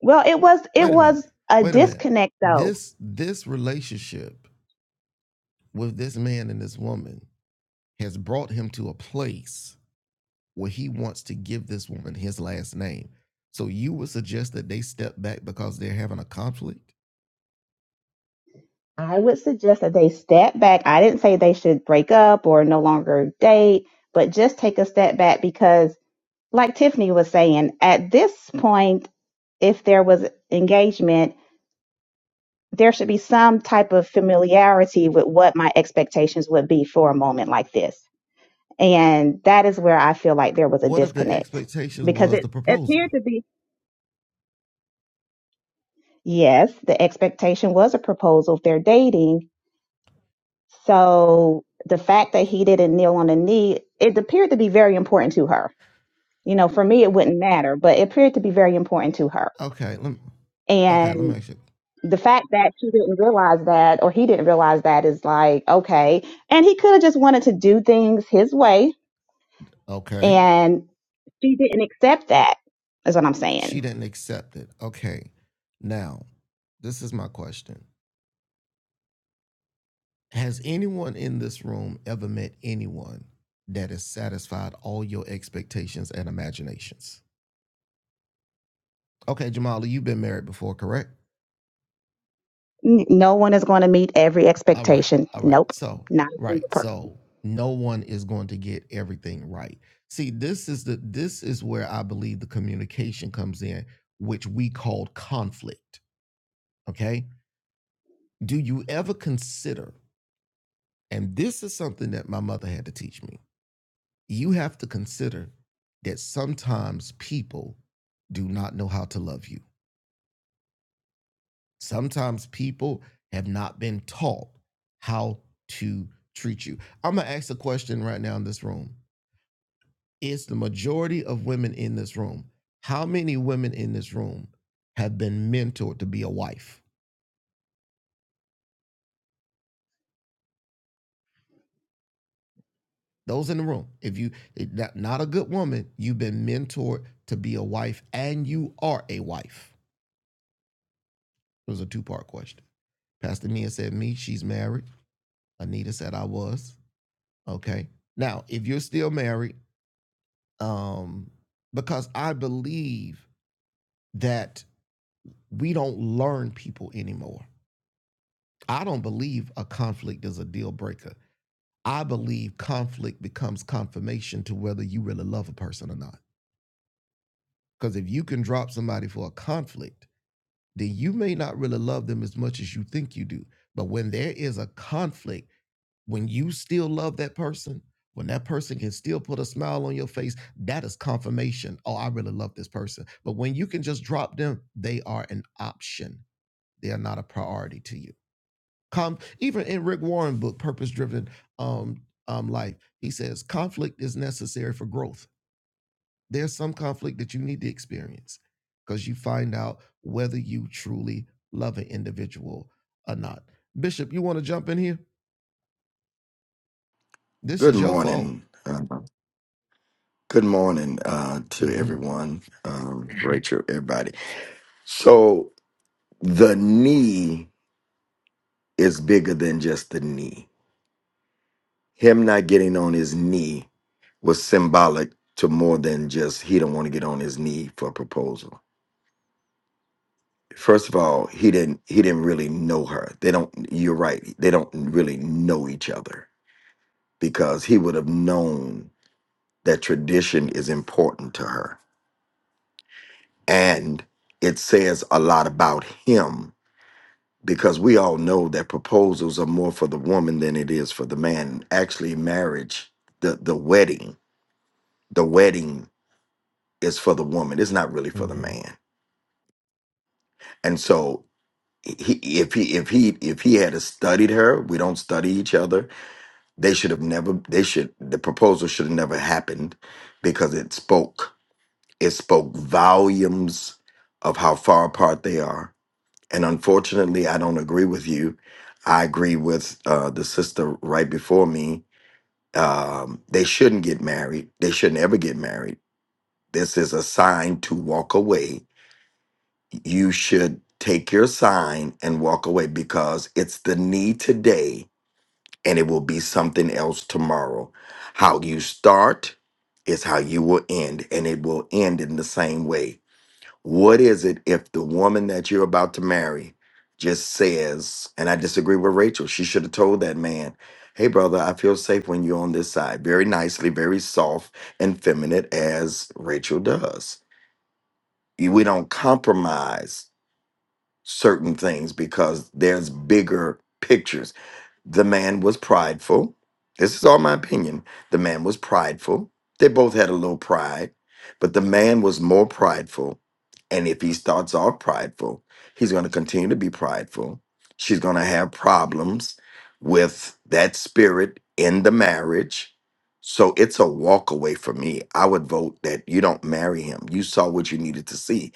D: Well, it was it
A: wait a minute
D: was a
A: wait a minute
D: disconnect though.
A: this this relationship with this man and this woman has brought him to a place where he wants to give this woman his last name. So you would suggest that they step back because they're having a conflict?
D: I would suggest that they step back. I didn't say they should break up or no longer date, but just take a step back because, like Tiffany was saying, at this point, if there was engagement, there should be some type of familiarity with what my expectations would be for a moment like this. And that is where I feel like there was a
A: What if the
D: disconnect
A: expectation
D: because
A: was
D: it
A: the
D: appeared
A: proposal?
D: to be. Yes, the expectation was a proposal if they're dating, So the fact that he didn't kneel on the knee, it appeared to be very important to her. You know, for me, it wouldn't matter, but it appeared to be very important to her.
A: Okay, let me, okay, let me
D: And
A: ask you.
D: the fact that she didn't realize that, or he didn't realize that, is like, okay. And he could have just wanted to do things his way,
A: Okay,
D: and she didn't accept that, is what I'm
A: she
D: saying.
A: didn't accept it. Okay, now this is my question: Has anyone in this room ever met anyone that has satisfied all your expectations and imaginations? Okay, Jamala, you've been married before, correct?
D: N- No one is going to meet every
A: All right.
D: expectation.
A: All right.
D: Nope,
A: So,
D: not a
A: right.
D: single person.
A: So, no one is going to get everything right. See, this is the this is where I believe the communication comes in, which we called conflict, okay? Do you ever consider and this is something that my mother had to teach me. You have to consider that sometimes people do not know how to love you. Sometimes people have not been taught how to treat you. I'm going to ask a question right now in this room. Is the majority of women in this room, how many women in this room have been mentored to be a wife? Those in the room, if you not, not a good woman, you've been mentored to be a wife and you are a wife. It was a two part question. Pastor Mia said, Me, she's married. Anita said, I was. Okay. Now, if you're still married, um, because I believe that we don't learn people anymore. I don't believe a conflict is a deal breaker. I believe conflict becomes confirmation to whether you really love a person or not. Because if you can drop somebody for a conflict, then you may not really love them as much as you think you do. But when there is a conflict, when you still love that person, when that person can still put a smile on your face, that is confirmation. Oh, I really love this person. But when you can just drop them, they are an option. They are not a priority to you. Com- even in Rick Warren book, Purpose Driven um, um, Life, he says conflict is necessary for growth. There's some conflict that you need to experience because you find out whether you truly love an individual or not. Bishop, you want to jump in here? This
E: Good
A: is your fault.
E: morning. Uh, good morning uh, to
A: Mm-hmm.
E: everyone, um, Rachel, everybody. So the knee is bigger than just the knee. Him not getting on his knee was symbolic to more than just he don't want to get on his knee for a proposal. First of all, he didn't he didn't really know her. They don't. You're right. They don't really know each other because he would have known that tradition is important to her and it says a lot about him because we all know that proposals are more for the woman than it is for the man actually marriage the the wedding the wedding is for the woman it's not really for the
A: Mm-hmm.
E: man and so he, if he if he if he had studied her we don't study each other they should have never they should the proposal should have never happened because it spoke it spoke volumes of how far apart they are And unfortunately, I don't agree with you. I agree with uh, the sister right before me. Um, they shouldn't get married. They shouldn't ever get married. This is a sign to walk away. You should take your sign and walk away because it's the need today and it will be something else tomorrow. How you start is how you will end, and it will end in the same way what is it if the woman that you're about to marry just says, and I disagree with Rachel, she should have told that man, hey, brother, I feel safe when you're on this side. Very nicely, very soft and feminine, as Rachel does. You- We don't compromise certain things because there's bigger pictures. The man was prideful. This is all my opinion. The man was prideful. They both had a little pride, but the man was more prideful. And if he starts off prideful, he's going to continue to be prideful. She's going to have problems with that spirit in the marriage. So it's a walk away for me. I would vote that you don't marry him. You saw what you needed to see.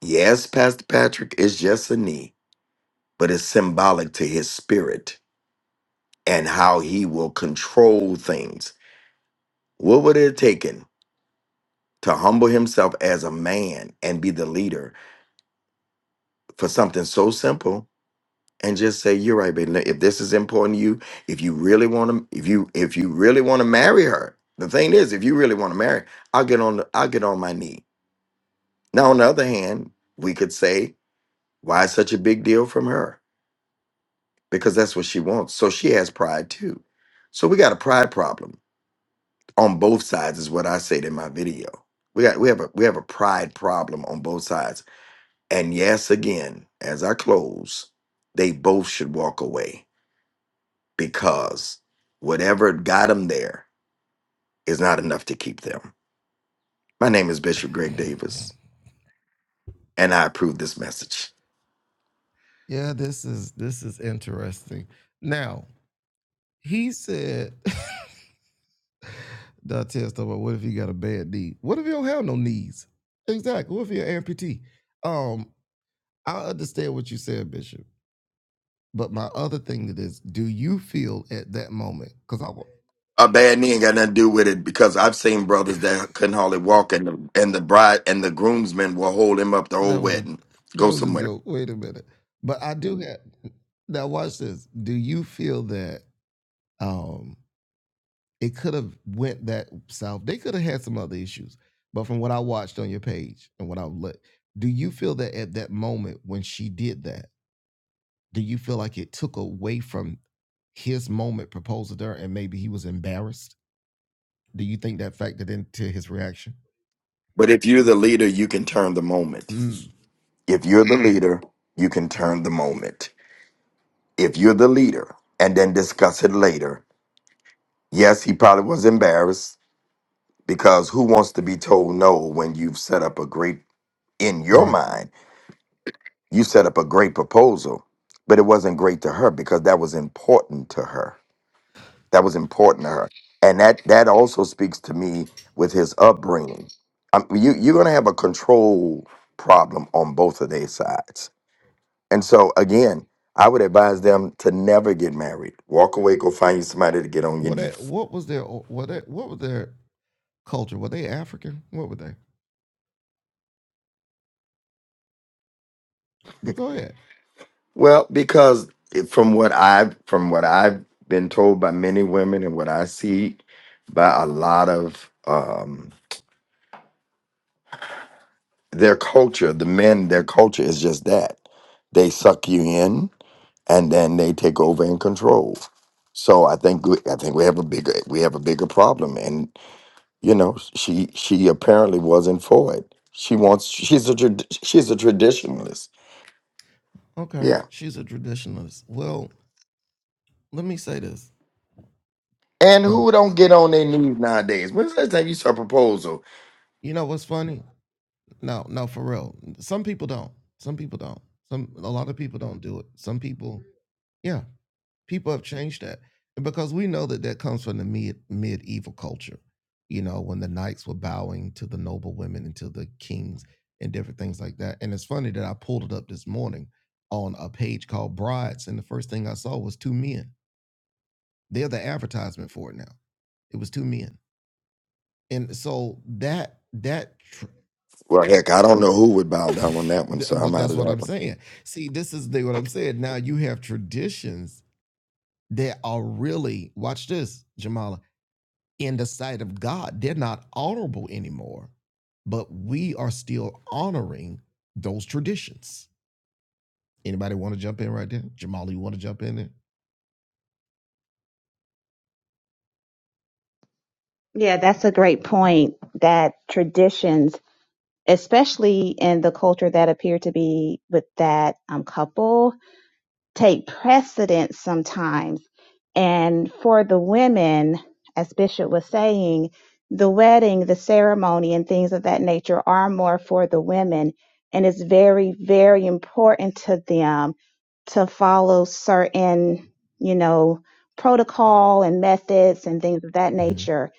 E: Yes, Pastor Patrick, it's just a knee, but it's symbolic to his spirit and how he will control things. What would it have taken to humble himself as a man and be the leader for something so simple and just say, You're right, baby. If this is important to you, if you really want to if you if you really want to marry her, the thing is, if you really want to marry, I'll get on the, I'll get on my knee. Now, on the other hand, we could say, Why is such a big deal from her? Because that's what she wants. So she has pride too. So we got a pride problem on both sides is what I said in my video. We got we have a we have a pride problem on both sides. And yes, again, as I close, they both should walk away because whatever got them there is not enough to keep them. My name is Bishop Greg Davis, and I approve this message.
A: Yeah, this is this is interesting. Now he said, [LAUGHS] Dantes talk about what if you got a bad knee? What if you don't have no knees? Exactly. What if you're an amputee? Um, I understand what you said, Bishop. But my other thing that is, do you feel at that moment? Because I wa-
E: A bad knee ain't got nothing to do with it because I've seen brothers that couldn't hardly walk, and the, and the bride and the groomsmen will hold him up the whole
A: that was a
E: wedding. Go
A: that was a
E: somewhere.
A: joke. Wait a minute. But I do have now. Watch this. Do you feel that um It could have went that south. They could have had some other issues. But from what I watched on your page and what I looked, do you feel that at that moment when she did that, do you feel like it took away from his moment proposing to her and maybe he was embarrassed? Do you think that factored into his reaction?
E: But if you're the leader, you can turn the moment.
A: Mm.
E: If you're the leader, you can turn the moment. If you're the leader and then discuss it later. Yes, he probably was embarrassed because who wants to be told no when you've set up a great, in your
A: Right.
E: mind, you set up a great proposal, but it wasn't great to her because that was important to her. That was important to her. And that, that also speaks to me with his upbringing. Um, you, you're going to have a control problem on both of their sides And so again, I would advise them to never get married. Walk away, go find you somebody to get on your
A: What
E: knee.
A: what was their what what was their culture? Were they African? What were they? But go ahead.
E: Well, because it- from what I've from what I've been told by many women and what I see by a lot of um, their culture, the men, their culture is just that. They suck you in and then they take over and control. So I think we, I think we have a bigger we have a bigger problem. you know she she apparently wasn't for it she wants she's a trad- she's a traditionalist
A: Okay.
E: yeah
A: She's a traditionalist. Well, let me say this.
E: and
A: Oh.
E: who don't get on their knees nowadays when's the last time you saw a proposal
A: You know what's funny? No, no, for real. Some people don't. Some people don't. Some a lot of people don't do it. Some people, yeah, people have changed that, and because we know that that comes from the mid medieval culture. You know, when the knights were bowing to the noble women and to the kings and different things like that. And it's funny that I pulled it up this morning on a page called Brides, and the first thing I saw was two men. They're the advertisement for it now. It was two men, and so that that tr-
E: well heck i don't know who would bow down on that one
A: Th-
E: so i'm
A: But
E: out
A: that's
E: of
A: what
E: that
A: I'm
E: one
A: saying. See, this is the, what I'm saying. Now you have traditions that are really, watch this, Jamala, in the sight of God, they're not honorable anymore, but we are still honoring those traditions. Anybody want to jump in right there? Jamala, you want to jump in there?
D: Yeah, that's a great point that traditions, especially in the culture that appeared to be with that um, couple, take precedence sometimes. And for the women, as Bishop was saying, the wedding, the ceremony, and things of that nature are more for the women. And it's very, very important to them to follow certain, you know, protocol and methods and things of that
A: Mhm.
D: nature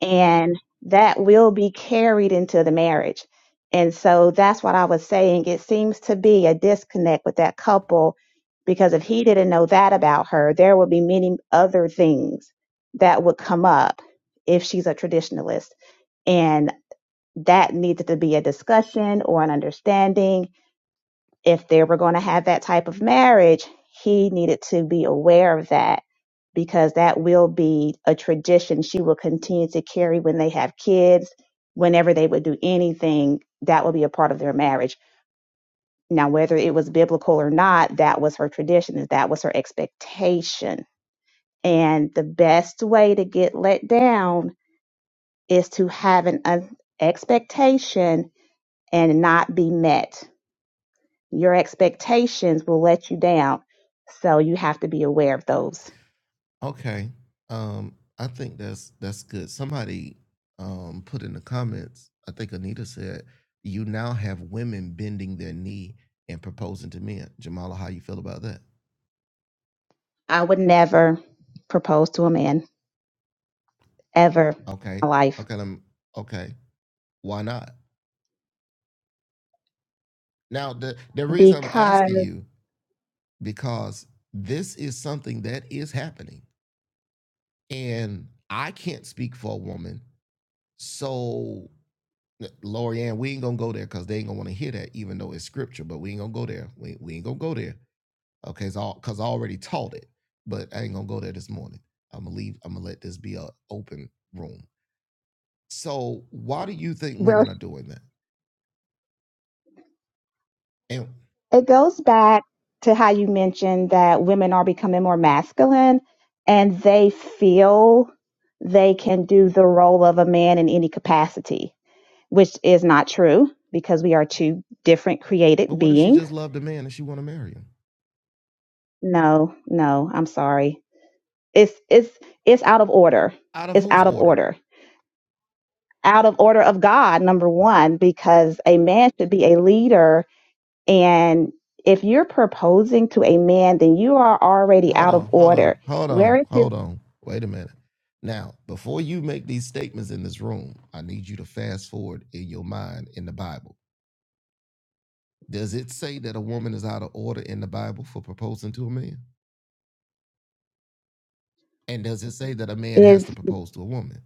D: and that will be carried into the marriage. And so that's what I was saying. It seems to be a disconnect with that couple because if he didn't know that about her, there would be many other things that would come up if she's a traditionalist. And that needed to be a discussion or an understanding if they were going to have that type of marriage, he needed to be aware of that because that will be a tradition she will continue to carry when they have kids. Whenever they would do anything, that will be a part of their marriage. Now, whether it was biblical or not, that was her tradition, and that was her expectation. And the best way to get let down is to have an un- expectation and not be met Your expectations will let you down. So you have to be aware of those.
A: Okay. Um, I think that's that's good. Somebody um put in the comments, I think Anita said, you now have women bending their knee and proposing to men. Jamala, how you feel about that?
D: I would never propose to a man ever in
A: Okay.
D: my life
A: Okay, um, okay. Why not? Now the the reason I'm
D: because,
A: asking you, because this is something that is happening. And I can't speak for a woman. So Lori Ann, we ain't gonna go there because they ain't gonna want to hear that, even though it's scripture. But we ain't gonna go there. We, we ain't gonna go there. Okay, it's all because I already taught it, but I ain't gonna go there this morning. I'm gonna leave. I'm gonna let this be an open room. So why do you think
D: well,
A: women are doing that? And
D: it goes back to how you mentioned that women are becoming more masculine and they feel they can do the role of a man in any capacity. which is not true because we are two different
A: but
D: created
A: what if she
D: beings.
A: just loved a man and she want to marry him?
D: No, no, I'm sorry. It's it's it's out of order.
A: Out of
D: It's
A: whose
D: out of
A: order?
D: order. Out of order of God, number one, because a man should be a leader. And if you're proposing to a man, then you are already
A: Hold
D: out of
A: on, hold on,
D: order.
A: hold
D: Where
A: on,
D: is his
A: hold on. Wait a minute. Now, before you make these statements in this room, I need you to fast forward in your mind in the Bible Does it say that a woman is out of order in the Bible for proposing to a man? And does it say that a man has
D: is
A: to propose to a woman?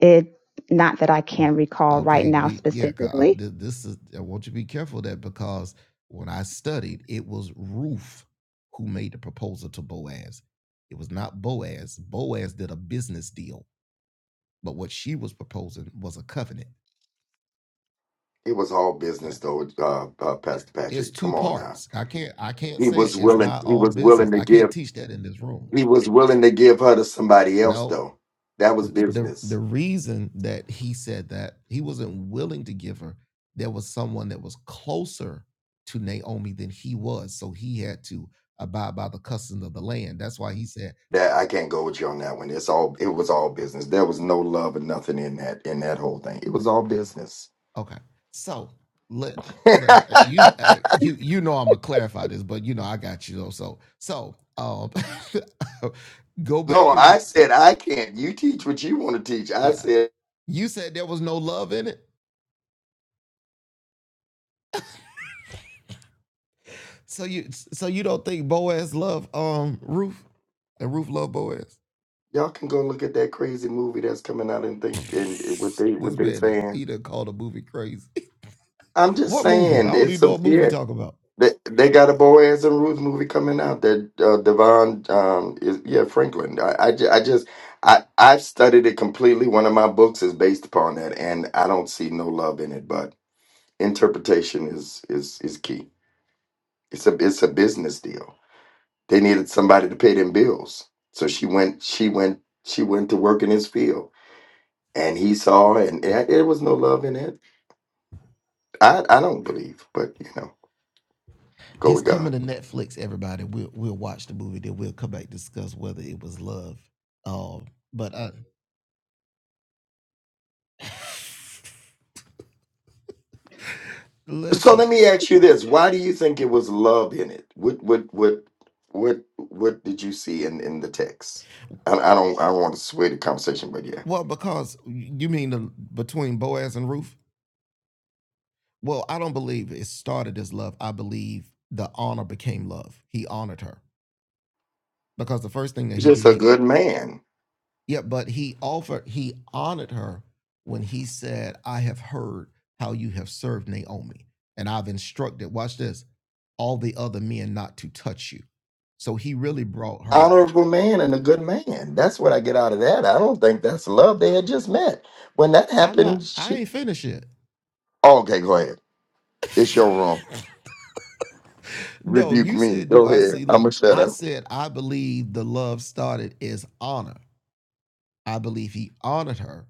D: It not that I can
A: Oh,
D: recall right
A: okay.
D: now
A: Be, yeah.
D: specifically.
A: this is. I want you to be careful of that because when I studied, it was Ruth who made the proposal to Boaz. It was not Boaz. Boaz did a business deal, but what she was proposing was a covenant.
E: it was all
A: Yeah.
E: business though uh, uh
A: It-
E: pastor
A: It's
E: patrick come
A: two
E: on now
A: parts. I can't. I can't
E: he
A: say it.
E: was
A: It's
E: willing
A: not
E: he
A: all
E: was
A: business.
E: willing to
A: I can't
E: give
A: teach that in this room.
E: he was willing to give her to somebody else
A: No.
E: though that was
A: the
E: business
A: the reason that he said that he wasn't willing to give her there was someone that was closer to Naomi than he was so he had to abide by the customs of the land that's why he said
E: That I can't go with you on that one. It's all it was all business. There was no love or nothing in that in that whole thing. It was all business.
A: okay so let,
E: [LAUGHS] no,
A: let uh, you hey, you you know I'm gonna clarify this but you know I got you though so so um [LAUGHS] go back and re-
E: I said I can't. You teach what you want to teach. I
A: yeah
E: said
A: you said there was no love in it so you so you don't think Boaz loved um Ruth and Ruth loved Boaz
E: y'all can go look at that crazy movie that's coming out and think and it- what they what
A: This
E: they
A: man,
E: saying.
A: he done called a movie crazy. [LAUGHS]
E: I'm just
A: What movie? I
E: saying
A: don't even
E: it's
A: know
E: a
A: what movie
E: yeah.
A: you talking about.
E: They they got a Boaz and Ruth movie coming out that uh, Devon um is yeah Franklin. I I, ju- I just I I've studied it completely. One of my books is based upon that, and I don't see no love in it. But interpretation is is is key. It's a it's a business deal. They needed somebody to pay them bills, so she went she went she went to work in his field, and he saw, and, and there was no love in it. I I don't believe, but you know, go
A: It's
E: with God.
A: coming to Netflix, everybody. We'll we'll watch the movie, then we'll come back and discuss whether it was love. Um, but I,
E: So
A: listen,
E: let me ask you this: Why do you think it was love in it? What what what what what did you see in in the text? I, I don't I don't want to sway the conversation, but yeah,
A: well, because you mean the between Boaz and Ruth? Well, I don't believe it started as love. I believe the honor became love. He honored her because the first thing that he did,
E: just a
A: he
E: good man,
A: Yeah, but he offered, he honored her when he said, I have heard how you have served Naomi, and I've instructed, watch this, all the other men not to touch you. So he really brought her.
E: honorable man, and a good man. That's what I get out of that. I don't think that's love. They had just met when that
A: I'm not,
E: happened.
A: I
E: She
A: ain't finished yet.
E: okay, go ahead. It's your room.
A: No,
E: Rebuke
A: you
E: me.
A: said, Do
E: Go
A: I
E: ahead.
A: see? Look,
E: I'ma shut
A: I
E: up.
A: said, I believe the love started as honor. I believe he honored her,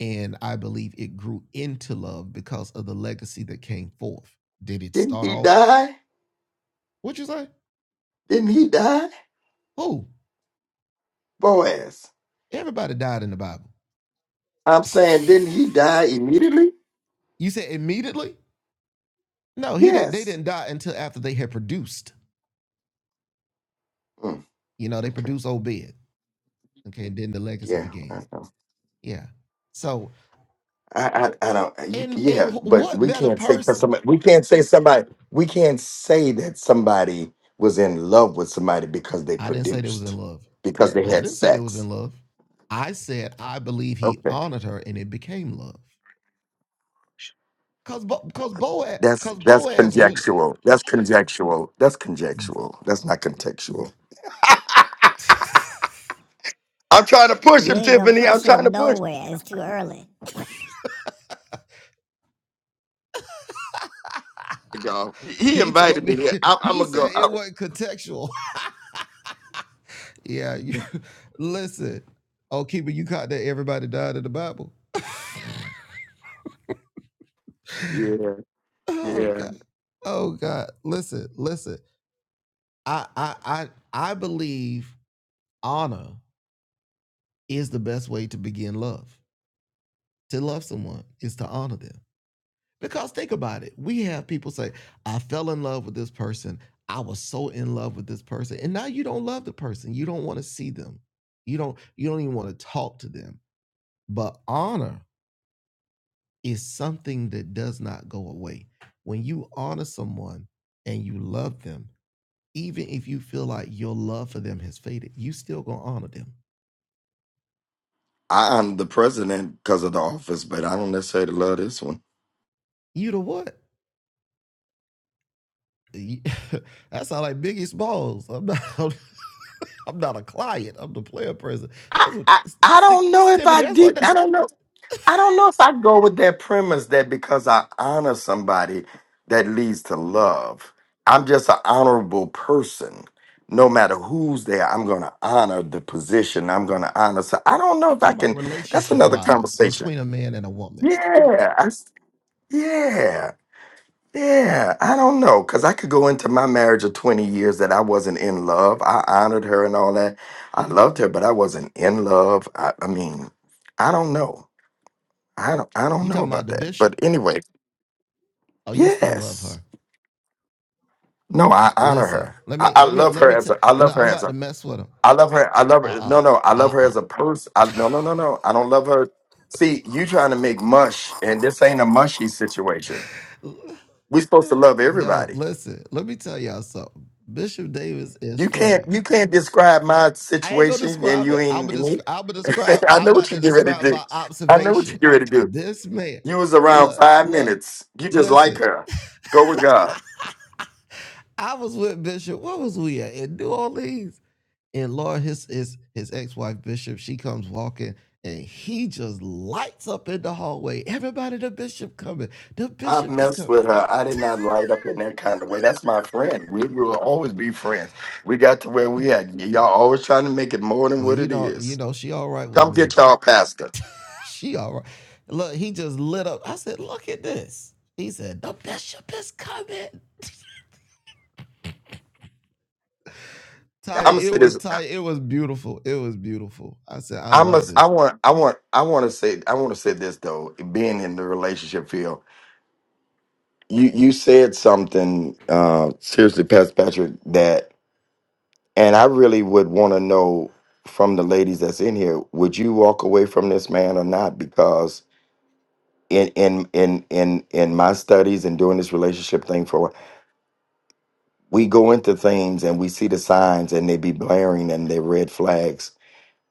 A: and I believe it grew into love because of the legacy that came forth. Did it
E: Didn't
A: start
E: he
A: off?
E: die?
A: What would you say?
E: Didn't he die,
A: Who?
E: Boaz?
A: Everybody died in the Bible.
E: I'm
A: [LAUGHS]
E: saying, didn't he die immediately?
A: you said immediately? No, he didn't. They
E: Yes.
A: didn't die until after they had produced.
E: Mm,
A: You know, they
E: okay.
A: produced Obed. Okay, and then the legacy
E: Yeah,
A: began.
E: I know.
A: Yeah. So,
E: I, I, I don't. uh, You,
A: and and
E: yeah, but
A: what
E: we
A: better
E: can't say 'cause
A: person?
E: somebody. We can't say somebody. We can't say that somebody was in love with somebody because they
A: I didn't say they was in
E: produced,
A: love.
E: because they
A: I
E: had
A: didn't say they was
E: sex.
A: in love. I said I believe he
E: Okay,
A: honored her, and it became love. Cause, Bo- cause Boaz,
E: that's
A: cause
E: that's
A: Boaz really.
E: conjectural. That's conjectural. That's conjectural. That's not contextual.
A: [LAUGHS]
E: I'm trying to push
A: You
E: him,
A: ain't gonna
E: Tiffany. I'm
A: push
E: trying to
A: him
E: push.
A: nowhere. It's too early.
E: Him, y'all. He he
A: He
E: invited
A: told me
E: me here. I'm,
A: [LAUGHS]
E: I'm
A: he
E: gonna go.
A: said it
E: out.
A: wasn't contextual. Yeah, you, [LAUGHS] listen. Oh, Keeper, you caught that everybody died in the Bible.
E: yeah,
A: Oh
E: yeah.
A: God. Oh God. Listen, listen. I I I I believe honor is the best way to begin love. To love someone is to honor them. Because think about it. We have people say, I fell in love with this person. I was so in love with this person. And now you don't love the person. You don't want to see them. You don't you don't even want to talk to them. But honor is something that does not go away. When you honor someone and you love them, even if you feel like your love for them has faded, you still gonna honor them.
E: I, I'm the president because of the office, but I don't necessarily love this one.
A: You know what? You- [LAUGHS] that sound like Biggie Smalls. I'm not. [LAUGHS] I'm not a client. I'm the player president.
E: I,
A: That's what
E: I I
A: Sti-
E: don't know if
A: Tiffany.
E: I
A: That's what
E: did.
A: that-
E: I don't know. I don't know if I go with that premise that because I honor somebody, that leads to love. I'm just an honorable person. No matter who's there, I'm going to honor the position. I'm going to honor. So I don't know
A: I'm
E: if I
A: talking about.
E: can. That's
A: Relationship
E: another
A: wise,
E: conversation.
A: between a man and a woman
E: Yeah. I s yeah. Yeah, I don't know, because I could go into my marriage of 20 years that I wasn't in love. I honored her and all that. I loved her, but I wasn't in love. I, I mean, I don't know. I don't I don't
A: You
E: know
A: talking about
E: about
A: the
E: that.
A: bishop?
E: But anyway,
A: Oh, you still love
E: yes.
A: her.
E: No, I honor
A: Listen,
E: her.
A: let
E: I,
A: me
E: I
A: let me
E: love
A: let
E: her
A: me
E: as
A: tell
E: a I love her
A: I'm
E: as
A: about to
E: a
A: mess with him.
E: I love her. I love her.
A: Uh-uh.
E: No, no, I love her
A: Uh-uh.
E: as a person. I, no, no, no, no. I don't love her. See, you trying to make mush, and this ain't a mushy situation. We're supposed to
A: [LAUGHS]
E: love
A: no,
E: everybody.
A: listen, let me tell y'all something. Bishop Davis is
E: You can't
A: funny.
E: you can't describe my
A: I ain't gonna
E: situation and
A: describe
E: you
A: it. I'm
E: ain't
A: gonna, desc-
E: me.
A: I'm gonna describe.
E: [LAUGHS] I
A: I'm
E: know what
A: about
E: you
A: to
E: get ready to
A: describe
E: do.
A: my
E: I know what you
A: observation.
E: get ready to do.
A: This man,
E: You was around
A: look,
E: five
A: look,
E: minutes. You just like
A: listen.
E: her. Go with God.
A: I was with Bishop. What was we at in New Orleans? And Lord, his his his ex wife Bishop, she comes walking, and he just lights up in the hallway. Everybody, the Bishop coming. The
E: I
A: Bishop is
E: messed
A: coming.
E: with her. I did not light up in that kind of way. That's my friend. We will always be friends. We got to where
A: Uh,
E: we at. Y'all always trying to make it more than
A: Well,
E: what
A: you
E: it
A: know, you
E: is.
A: know, she all right with
E: Come
A: me.
E: get y'all pastor.
A: She all right. Look, he just lit up. I said, look at this. He said, the bishop is coming.
E: I'm
A: Taya,
E: gonna
A: it
E: say
A: was
E: this.
A: Taya, it was beautiful. It was beautiful. I said, I
E: I
A: love
E: must. I
A: this.
E: want. I want. I want to say. I want to say this though. Being in the relationship field. you you said something uh seriously pastor patrick that and i really would want to know from the ladies that's in here would you walk away from this man or not because in in in in in my studies and doing this relationship thing for a while, we go into things and we see the signs and they be blaring and they red flags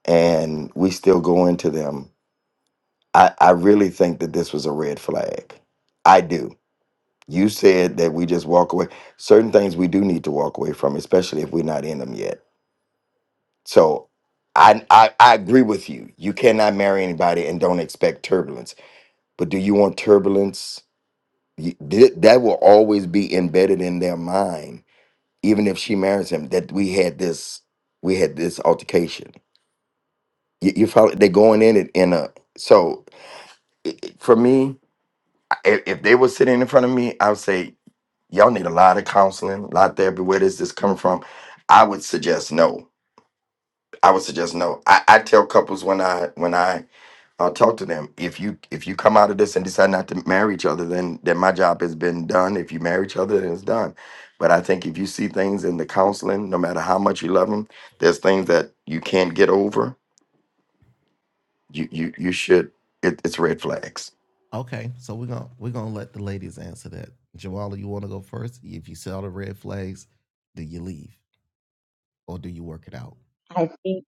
E: and we still go into them i i really think that this was a red flag i do You said that we just walk away. Certain things we do need to walk away from, especially if we're not in them yet. So I, I I agree with you. You cannot marry anybody and don't expect turbulence. But do you want turbulence? You- th- That will always be embedded in their mind, even if she marries him. That we had this, we had this altercation. You, you follow? They're going in it in a. So for me, if, if they were sitting in front of me, I would say, y'all need a lot of counseling, a lot of therapy. Where does this coming from? I would suggest no. I would suggest no. I, I tell couples when I when I uh, talk to them, if you if you come out of this and decide not to marry each other, then then my job has been done. If you marry each other, then it's done. But I think if you see things in the counseling, no matter how much you love them, there's things that you can't get over. You you you should. It, it's red flags.
A: Okay, so we're gonna we're gonna let the ladies answer that. Jawala, you wanna go first? If you sell the red flags, do you leave or do you work it out?
D: I think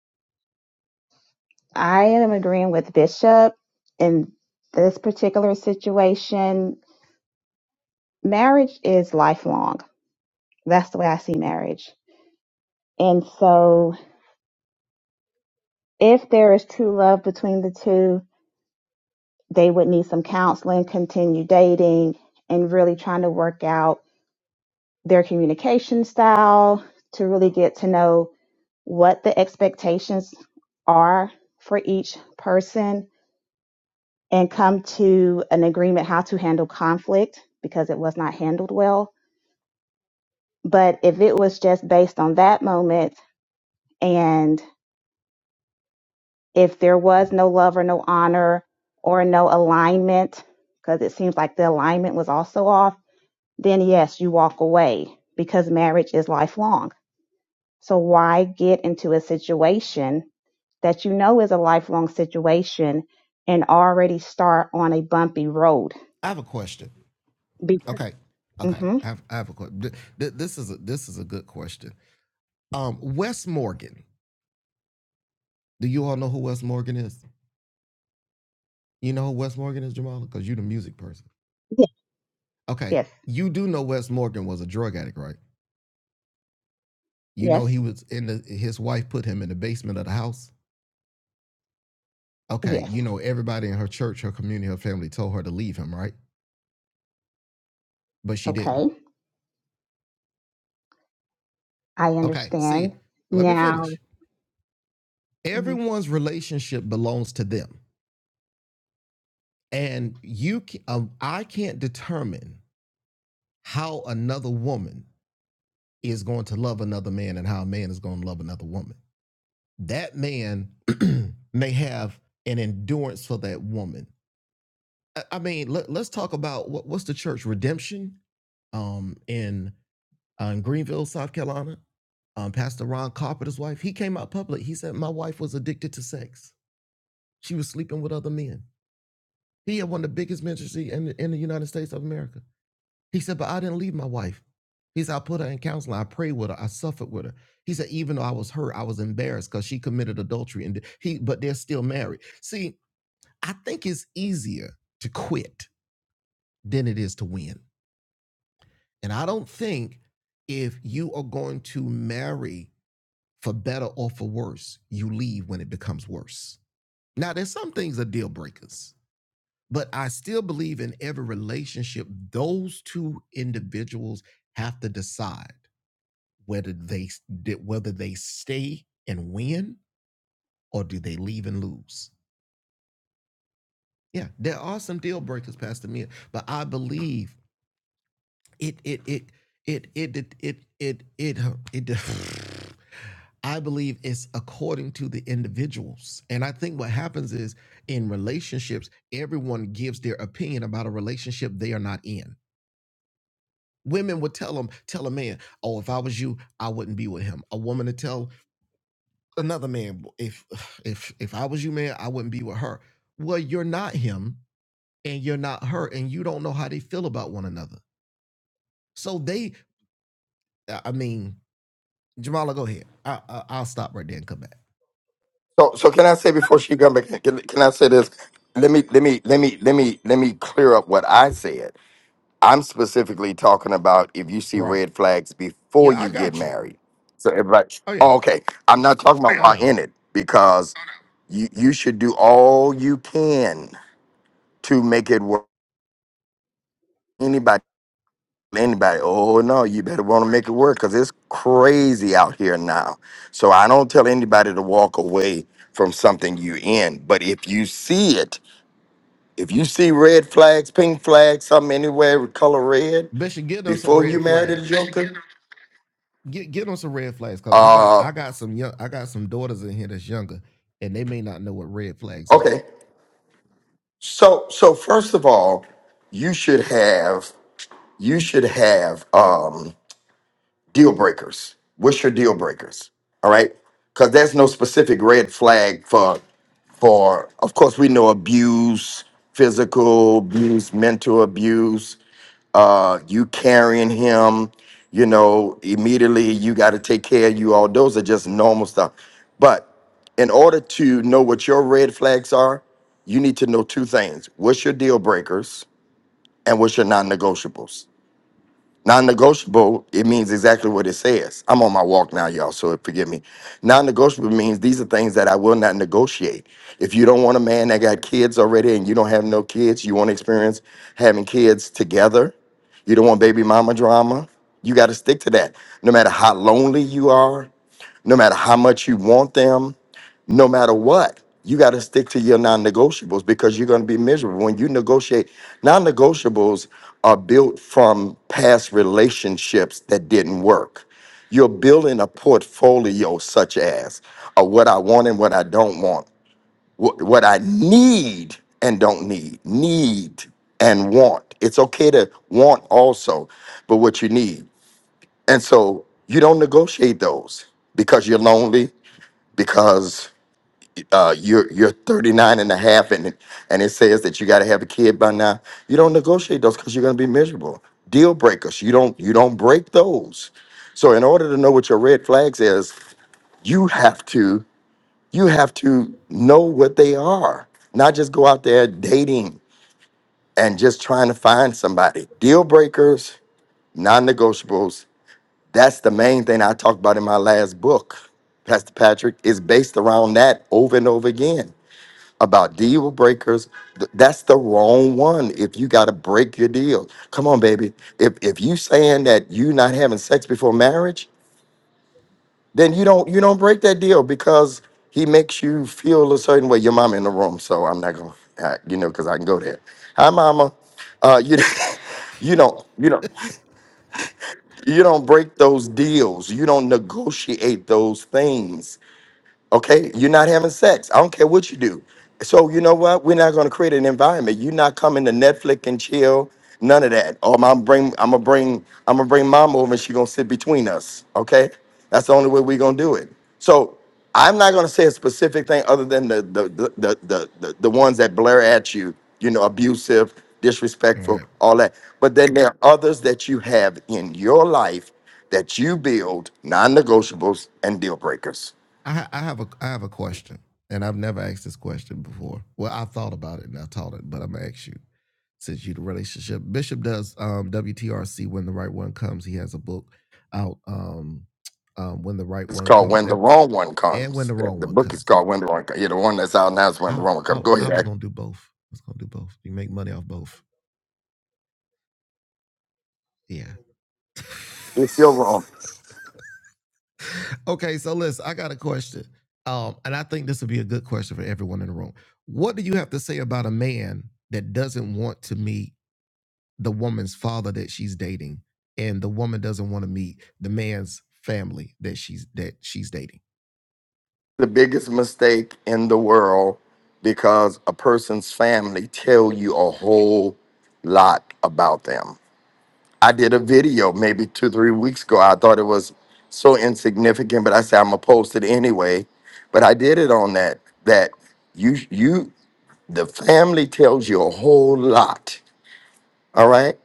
D: I am agreeing with Bishop in this particular situation. Marriage is lifelong. That's the way I see marriage. And so if there is true love between the two, they would need some counseling, continue dating, and really trying to work out their communication style to really get to know what the expectations are for each person and come to an agreement how to handle conflict because it was not handled well. But if it was just based on that moment and if there was no love or no honor or no alignment, because it seems like the alignment was also off then yes, you walk away because marriage is lifelong. So why get into a situation that you know is a lifelong situation and already start on a bumpy road?
A: I have a question.
D: Be-
A: Okay. Okay.
D: mm-hmm.
A: I have, I have a question. This is a, this is a good question. Um, Wes Morgan. Do you all know who Wes Morgan is? You know who Wes Morgan is, Jamal? Because you're the music person.
D: Yes.
A: Okay.
D: Yes.
A: You do know Wes Morgan was a drug addict, right? You know,
D: Yes.
A: he was in the, his wife put him in the basement of the house. Okay,
D: Yes.
A: you know, everybody in her church, her community, her family told her to leave him, right? But she didn't.
D: Okay. I
A: Okay, see,
D: understand.
A: let me
D: Now,
A: finish.
D: Mhm.
A: Everyone's relationship belongs to them. And you, can um, I can't determine how another woman is going to love another man and how a man is going to love another woman. That man [CLEARS THROAT] may have an endurance for that woman. I I mean, let, us talk about what, what's the church? Redemption? um, in uh, in Greenville, South Carolina. Um, Pastor Ron Carpenter's wife, he came out public. He said, "My wife was addicted to sex. She was sleeping with other men." He had one of the biggest ministries in in the United States of America. He said, "But I didn't leave my wife." He said, "I put her in counseling. I prayed with her. I suffered with her." He said, "Even though I was hurt, I was embarrassed because she committed adultery." And he, but they're still married. See, I think it's easier to quit than it is to win, and I don't think if you are going to marry for better or for worse, you leave when it becomes worse. Now, there's some things are deal breakers, but I still believe in every relationship, those two individuals have to decide whether they whether they stay and win or do they leave and lose. Yeah, there are some deal breakers, Pastor Mia, but I believe it it it it it it it it it, it it [SIGHS] I believe it's according to the individuals. And I think what happens is in relationships, everyone gives their opinion about a relationship they are not in. Women would tell them, tell a man, oh, if I was you, I wouldn't be with him. A woman to tell another man, if [SIGHS] if if I was you, man, I wouldn't be with her. Well, you're not him and you're not her, and you don't know how they feel about one another. So they I mean, Jamala, go ahead. I, I, I'll stop right there and come back.
E: So, so can I say before she comes back? Can, can I say this? Let me, let me, let me, let me, let me clear up what I said. I'm specifically talking about if you see
A: Right.
E: red flags before
A: Yeah, I
E: you get
A: got you.
E: married. So everybody,
A: Oh yeah.
E: oh, okay. I'm not talking about
A: Oh
E: while
A: no.
E: in it because you you should do all you can to make it work. Anybody, anybody. Oh no, you better want to make it work because it's crazy out here now. So I don't tell anybody to walk away from something you in, but if you see it If you see red flags, pink flags, something anywhere with color red
A: Bishop, give them some
E: before you
A: red
E: marry the
A: flags.
E: joker,
A: Get get them some red flags because I got
E: uh,
A: I got some young I got some daughters in here that's younger and they may not know what red flags are.
E: okay. So so first of all, you should have you should have um deal breakers. What's your deal breakers? All right, because there's no specific red flag for for. Of course, we know abuse, physical abuse, mental abuse. Uh, you carrying him, you know, immediately you got to take care of you. All those are just normal stuff. But in order to know what your red flags are, you need to know two things: what's your deal breakers, and what's your non-negotiables Non-negotiable, it means exactly what it says. I'm on my walk now, y'all, so forgive me. Non-negotiable means these are things that I will not negotiate. If you don't want a man that got kids already and you don't have no kids, you want to experience having kids together, you don't want baby mama drama, you got to stick to that. No matter how lonely you are, no matter how much you want them, no matter what, you got to stick to your non negotiables because you're going to be miserable when you negotiate. Non negotiables are built from past relationships that didn't work. You're building a portfolio such as uh, what I want and what I don't want, wh- what I need and don't need, need and want. It's okay to want also, but what you need. And so you don't negotiate those because you're lonely because uh, you're you're 39 and a half and, and it says that you got to have a kid by now you don't negotiate those because you're going to be miserable deal breakers you don't you don't break those so in order to know what your red flags is you have to you have to know what they are not just go out there dating and just trying to find somebody deal breakers non-negotiables that's the main thing i talked about in my last book pastor patrick is based around that over and over again about deal breakers. Th- That's the wrong one. If you got to break your deal, come on, baby. If if you saying that you not having sex before marriage, then you don't you don't break that deal because he makes you feel a certain way. Your mama in the room, so I'm not gonna, uh, you know, because I can go there. Hi, mama. Uh, you. [LAUGHS] You don't, you don't, you don't break those deals. You don't negotiate those things Okay, you're not having sex. I don't care what you do. So you know what? We're not going to create an environment. You're not coming to Netflix and chill. None of that. Oh, I'm bring. I'm gonna bring. I'm gonna bring mom over, and she's gonna sit between us. Okay, that's the only way we're gonna do it. So I'm not gonna say a specific thing other than the the the the the, the, the ones that blare at you. You know, abusive,
A: All
E: disrespectful,
A: Right.
E: all that. But then there are others that you have in your life that you build non-negotiables and deal breakers.
A: I, ha- I have a I have a question, and I've never asked this question before. Well, I thought about it and I taught it, but I'm gonna ask you since you the relationship bishop does um, WTRC when the right one comes. He has a book out um, um, when the right
E: It's
A: one
E: called
A: comes
E: When the
A: and,
E: Wrong One
A: and when the
E: Comes. The
A: wrong
E: the
A: one
E: book is
A: comes.
E: called When the Wrong Comes. Yeah, the one that's out now is When the
A: I,
E: Wrong One Comes.
A: I
E: Go
A: I
E: ahead.
A: was
E: Ash.
A: gonna do both. I was gonna do both. You make money off both. Yeah.
E: It's still
A: [LAUGHS]
E: wrong.
A: Okay, so listen, I got a question. Um, and I think this would be a good question for everyone in the room. What do you have to say about a man that doesn't want to meet the woman's father that she's dating, and the woman doesn't want to meet the man's family that she's that she's dating?
E: The biggest mistake in the world because a person's family tell you a whole lot about them. I did a video maybe two, three weeks ago. I thought it was so insignificant, but I said I'm gonna post it anyway. But I did it on that that you you the family tells you a whole lot. All right.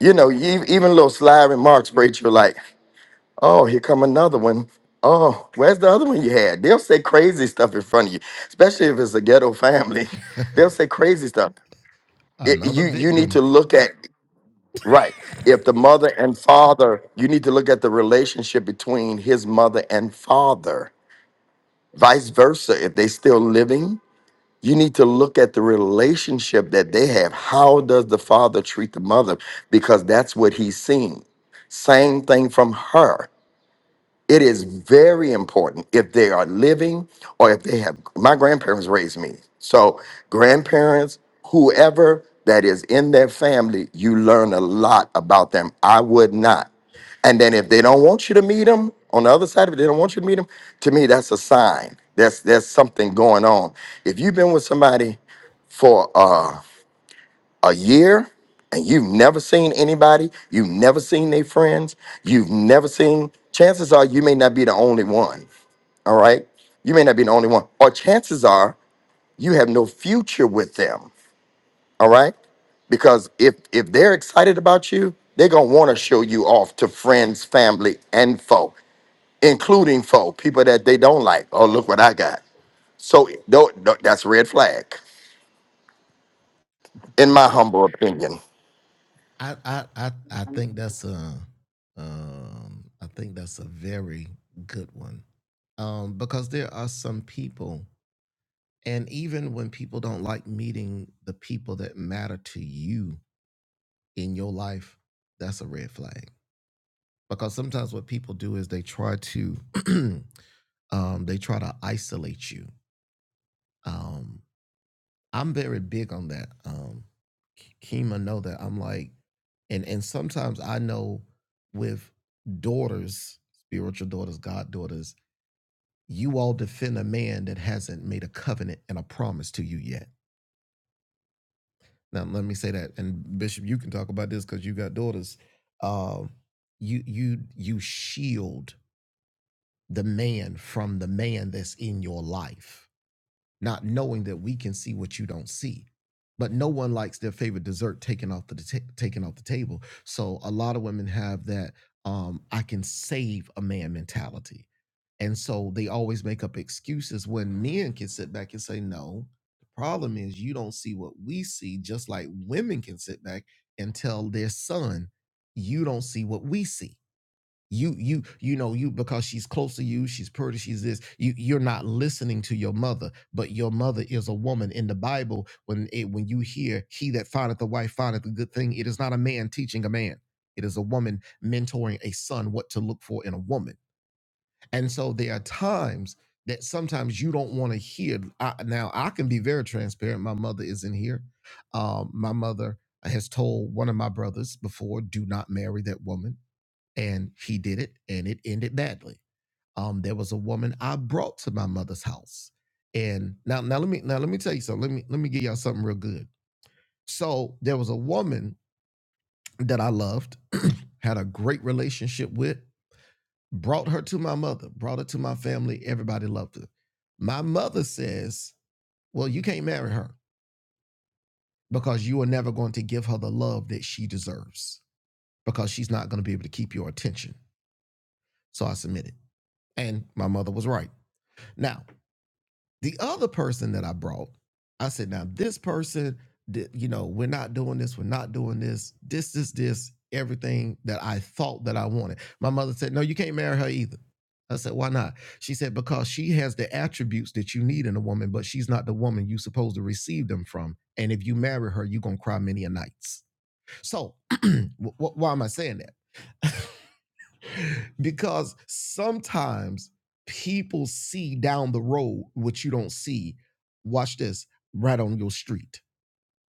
E: you know, e- even little sly remarks, Rachel, like, oh, here come another one. Oh, where's the other one you had? They'll say crazy stuff in front of you, especially if it's a ghetto family. [LAUGHS] They'll
A: [LAUGHS]
E: say crazy stuff. It,
A: Another
E: you you need
A: victim.
E: to look at right. If the mother and father, you need to look at the relationship between his mother and father. Vice versa, if they still living, you need to look at the relationship that they have. How does the father treat the mother? Because that's what he's seen. Same thing from her. It is very important if they are living or if they have. My grandparents raised me. So, grandparents, whoever that is in their family, you learn a lot about them. I would not. And then if they don't want you to meet them, on the other side, if they don't want you to meet them, to me, that's a sign. That's there's something going on. If you've been with somebody for uh a year and you've never seen anybody, you've never seen their friends, you've never seen, chances are you may not be the only one. All right. You may not be the only one. Or chances are you have no future with them. All right. Because if if they're excited about you, they're gonna want to show you off to friends, family, and folk, including folk, people that they don't like. Oh, look what I got. So tho- tho- that's red flag, in my humble opinion.
A: I I I I think that's a um I think that's a very good one. Um, because there are some people And even when people don't like meeting the people that matter to you in your life, that's a red flag. Because sometimes what people do is they try to [CLEARS THROAT] um, they try to isolate you. Um, I'm very big on that. Um, Kima know that I'm like, and and sometimes I know with daughters, spiritual daughters, god daughters, you all defend a man that hasn't made a covenant and a promise to you yet Now let me say that, and Bishop, you can talk about this because you got daughters. Um, you you you shield the man from the man that's in your life not knowing that we can see what you don't see. But no one likes their favorite dessert taken off the ta- taken off the table. So a lot of women have that um, I can save a man mentality, and so they always make up excuses when men can sit back and say, "No, the problem is you don't see what we see." Just like women can sit back and tell their son, "You don't see what we see." you you you know you because she's close to you she's pretty she's this you you're not listening to your mother but your mother is a woman in the bible when it when you hear he that findeth a wife findeth a good thing it is not a man teaching a man it is a woman mentoring a son what to look for in a woman and so there are times that sometimes you don't want to hear I, now i can be very transparent my mother is in here um my mother has told one of my brothers before do not marry that woman and he did it and it ended badly um there was a woman i brought to my mother's house and now now let me now let me tell you something let me let me give y'all something real good so there was a woman that i loved [CLEARS THROAT] had a great relationship with brought her to my mother brought her to my family everybody loved her my mother says well you can't marry her because you are never going to give her the love that she deserves because she's not going to be able to keep your attention so i submitted and my mother was right now The other person that I brought, I said, now this person, you know, we're not doing this, we're not doing this, this, is this, everything that I thought that I wanted. My mother said, no, you can't marry her either. I said, why not? She said, because she has the attributes that you need in a woman, but she's not the woman you're supposed to receive them from. And if you marry her, you're going to cry many a nights. So, wh- wh- why am I saying that? because sometimes people see down the road what you don't see. Watch this right on your street.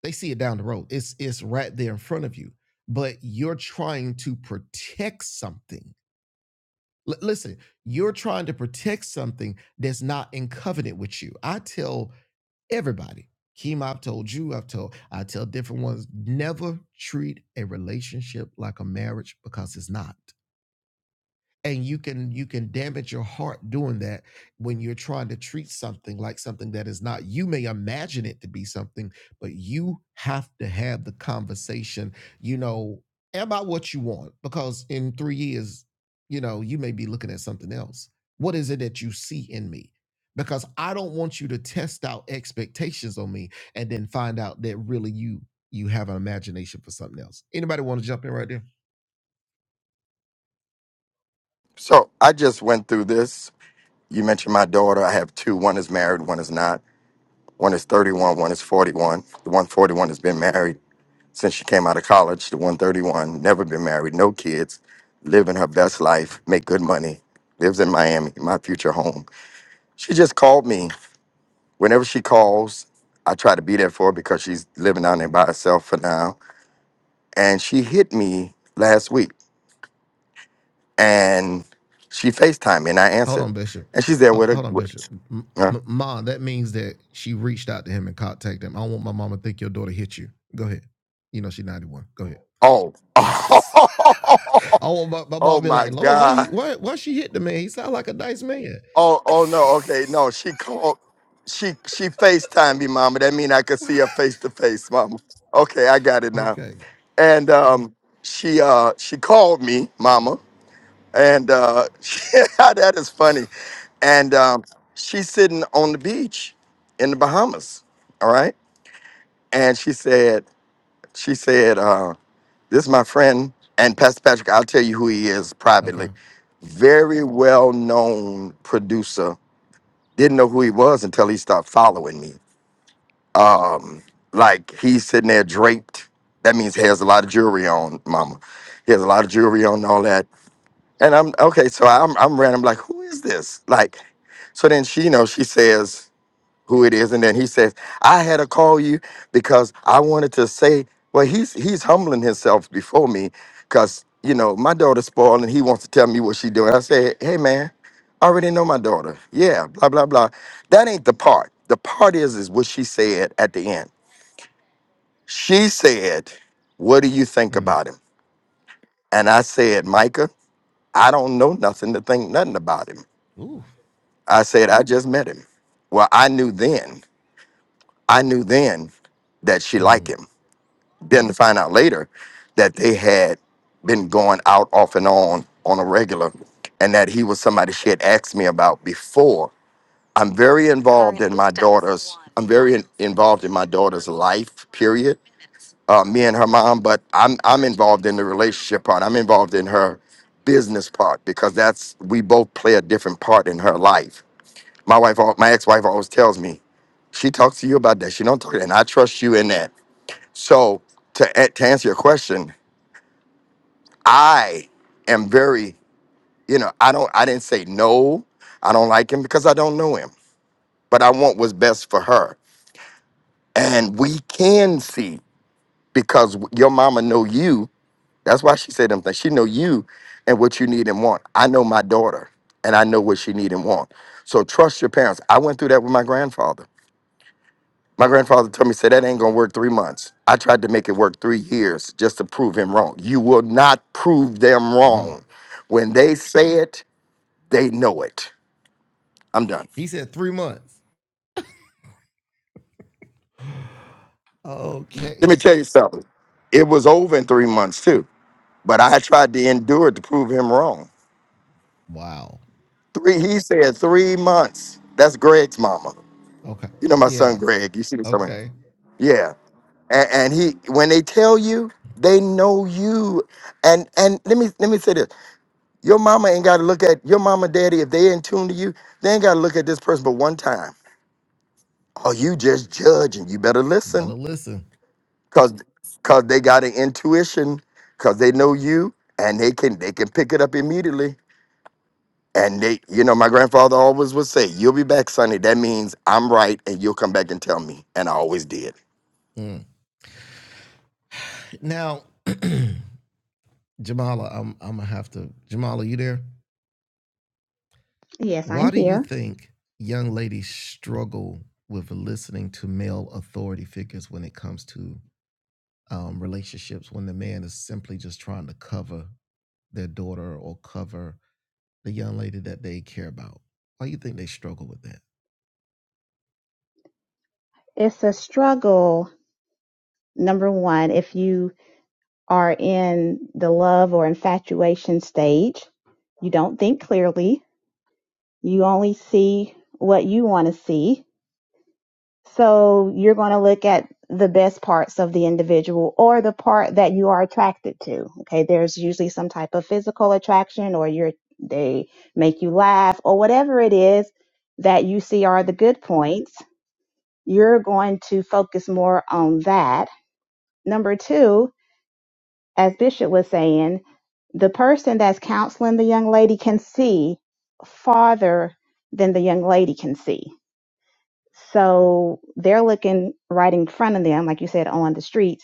A: They see it down the road. It's it's right there in front of you. But you're trying to protect something. L- listen, you're trying to protect something that's not in covenant with you. I tell everybody, Keem, I've told you, I've told, I tell different ones, never treat a relationship like a marriage because it's not and you can you can damage your heart doing that when you're trying to treat something like something that is not you may imagine it to be something but you have to have the conversation you know about what you want because in 3 years you know you may be looking at something else what is it that you see in me because i don't want you to test out expectations on me and then find out that really you you have an imagination for something else anybody want to jump in right there
E: So I just went through this. You mentioned my daughter. I have two. One is married, one is not. One is 31, one is 41. The 141 has been married since she came out of college. The 131 never been married, no kids, living her best life, make good money, lives in Miami, my future home. She just called me. Whenever she calls, I try to be there for her because she's living down there by herself for now. And she hit me last week and she FaceTimed me and I
A: Hold
E: answered.
A: on, Bishop.
E: And she's there with her.
A: Hold on,
E: With,
A: Bishop. M-
E: Huh?
A: M- Ma, that means that she reached out to him and contacted him. I don't want my mama to think your daughter hit you. Go ahead. You know she ninety one. Go ahead.
E: Oh. [LAUGHS]
A: [LAUGHS] I want my, my mom
E: oh
A: to be
E: my
A: like, Lord, why he
E: God.
A: why why she hit the man? He sound like a nice man.
E: Oh, oh no, okay. No, she called she she FaceTimed me, mama. That mean I could
A: [LAUGHS]
E: see her face to face, mama. Okay, I got it now.
A: okay.
E: And um she uh she called me, mama. And uh [LAUGHS] that is funny. And um she's sitting on the beach in the Bahamas. All right. And she said, she said, uh, This is my friend and Pastor Patrick. I'll tell you who he is
A: Okay.
E: privately. Very well known producer. Didn't know who he was until he stopped following me. Um, like he's sitting there draped. That means he has a lot of jewelry on, Mama. He has a lot of jewelry on and all that. And I'm okay. So I'm I'm random. Like who is this? Like, so then she you know she says who it is. And then he says, I had to call you because I wanted to say, well, he's he's humbling himself before me because, you know, my daughter's spoiled and he wants to tell me what she doing. I said, hey, man, I already know my daughter. Yeah, blah, blah, blah. That ain't the part. The part is, is what she said at the end. She said, what do you think
A: Mm.
E: about him? And I said, Micah, I don't know nothing to think nothing about him.
A: Ooh.
E: I said, I just met him. Well, I knew then. I knew then that she liked
A: Mhm.
E: him. Then to find out later that they had been going out off and on on a regular, and that he was somebody she had asked me about before. I'm very involved in my daughter's. I'm very in- involved in my daughter's life. Period. Uh, me and her mom, but I'm I'm involved in the relationship part. I'm involved in her business part because that's we both play a different part in her life. My wife, al- my ex-wife, always tells me, she talks to you about that. She don't talk, to- that. and I trust you in that So to a- to answer your question, I am very, you know, I don't I didn't say no. I don't like him because I don't know him. But I want what's best for her. And we can see because your mama know you. That's why she said them things. She know you and what you need and want. I know my daughter and I know what she need and want. So trust your parents. I went through that with my grandfather My grandfather told me, said that ain't gonna work three months. I tried to make it work three years just to prove him wrong. You will not prove them
A: Mm.
E: wrong. When they say it, they know it. I'm done.
A: He said three months. [GASPS] [SIGHS] okay.
E: Let me tell you something. It was over in three months too, but I tried to endure it to prove him wrong.
A: Wow.
E: Three, he said three months. That's Greg's mama.
A: Okay.
E: You know my son
A: Yeah.
E: Greg. You see him somewhere.
A: Okay.
E: Yeah. And, and he, when they tell you, they know you. And and let me let me say this. Your mama ain't got to look at your mama, daddy, if they ain't tuned to you, they ain't got to look at this person but one time. Or you just judge and you better
A: Better
E: listen
A: listen.
E: because cause they got an intuition because they know you and they can they can pick it up immediately. And they, you know, my grandfather always would say, "You'll be back, Sonny." That means I'm right, and you'll come back and tell me. And I always did.
A: Mm. Now, [CLEARS THROAT] Jamala, I'm I'm gonna have to. Jamala, you there?
D: yes, I'm
A: Why do you
D: here.
A: think young ladies struggle with listening to male authority figures when it comes to um, relationships? When the man is simply just trying to cover their daughter or cover the young lady that they care about. Why do you think they struggle with that?
D: It's a struggle, number one, if you are in the love or infatuation stage, you don't think clearly You only see what you want to see. So you're going to look at the best parts of the individual or the part that you are attracted to. Okay. There's usually some type of physical attraction or you're, they make you laugh or whatever it is that you see are the good points. You're going to focus more on that. Number two, as Bishop was saying, the person that's counseling the young lady can see farther than the young lady can see So they're looking right in front of them, like you said, on the street,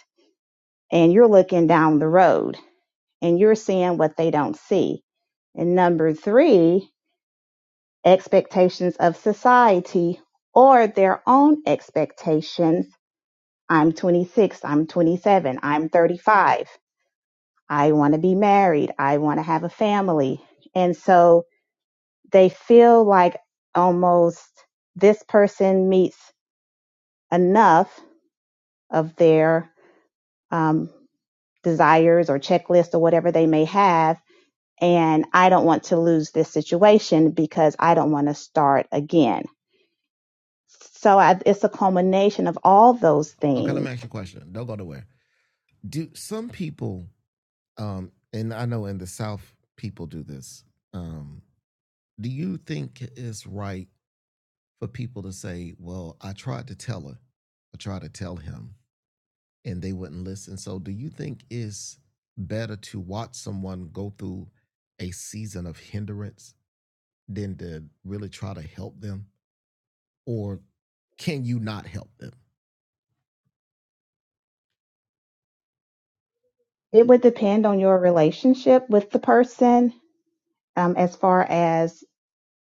D: and you're looking down the road and you're seeing what they don't see. And number three, expectations of society or their own expectations. I'm 26, I'm 27, I'm 35. I want to be married, I want to have a family. And so they feel like almost this person meets enough of their um, desires or checklists or whatever they may have. And I don't want to lose this situation because I don't want to start again. So I, it's a culmination of all those
A: Okay, let me
D: things.
A: ask you a question. Don't go nowhere. Do some people Um, and I know in the South people do this. Um, do you think it's right for people to say, "Well, I tried to tell her, I tried to tell him, and they wouldn't listen"? So, do you think it's better to watch someone go through a season of hindrance than to really try to help them? or can you not help them?
D: It would depend on your relationship with the person um, as far as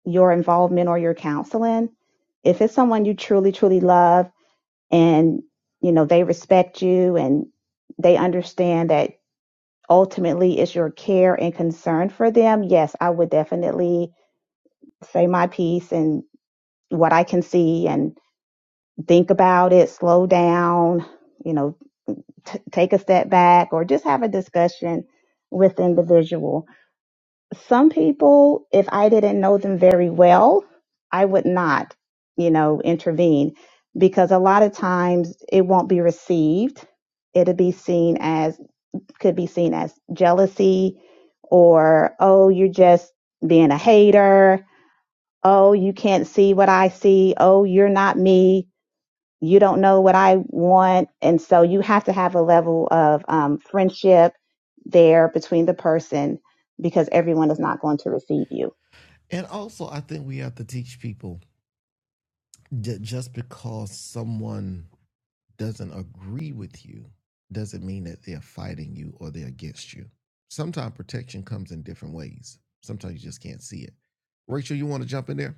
D: your involvement or your counseling if it's someone you truly truly love and you know they respect you and they understand that ultimately it's your care and concern for them yes i would definitely say my piece and what i can see and think about it slow down you know t- take a step back or just have a discussion with the individual some people, if I didn't know them very well, I would not, you know, intervene because a lot of times it won't be received. It'll be seen as, could be seen as jealousy or, oh, you're just being a hater. Oh, you can't see what I see. Oh, you're not me you don't know what I want. And so you have to have a level of um, friendship there between the person because everyone is not going to receive you.
A: And also, I think we have to teach people that just because someone doesn't agree with you doesn't mean that they're fighting you or they're against you. Sometimes protection comes in different ways. Sometimes you just can't see it. Rachel, you want to jump in there?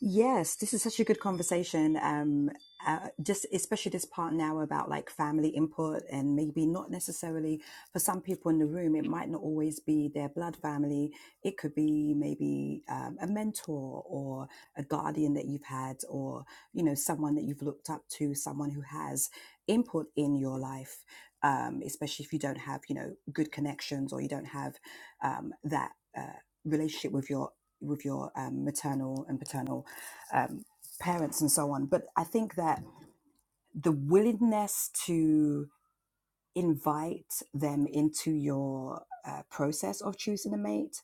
C: Yes, this is such a good conversation. Um, uh, just especially this part now about like family input and maybe not necessarily for some people in the room, it might not always be their blood family. It could be maybe um, a mentor or a guardian that you've had, or you know someone that you've looked up to, someone who has input in your life. Um, especially if you don't have you know good connections or you don't have um, that uh, relationship with your with your um, maternal and paternal um, parents and so on. But I think that the willingness to invite them into your uh, process of choosing a mate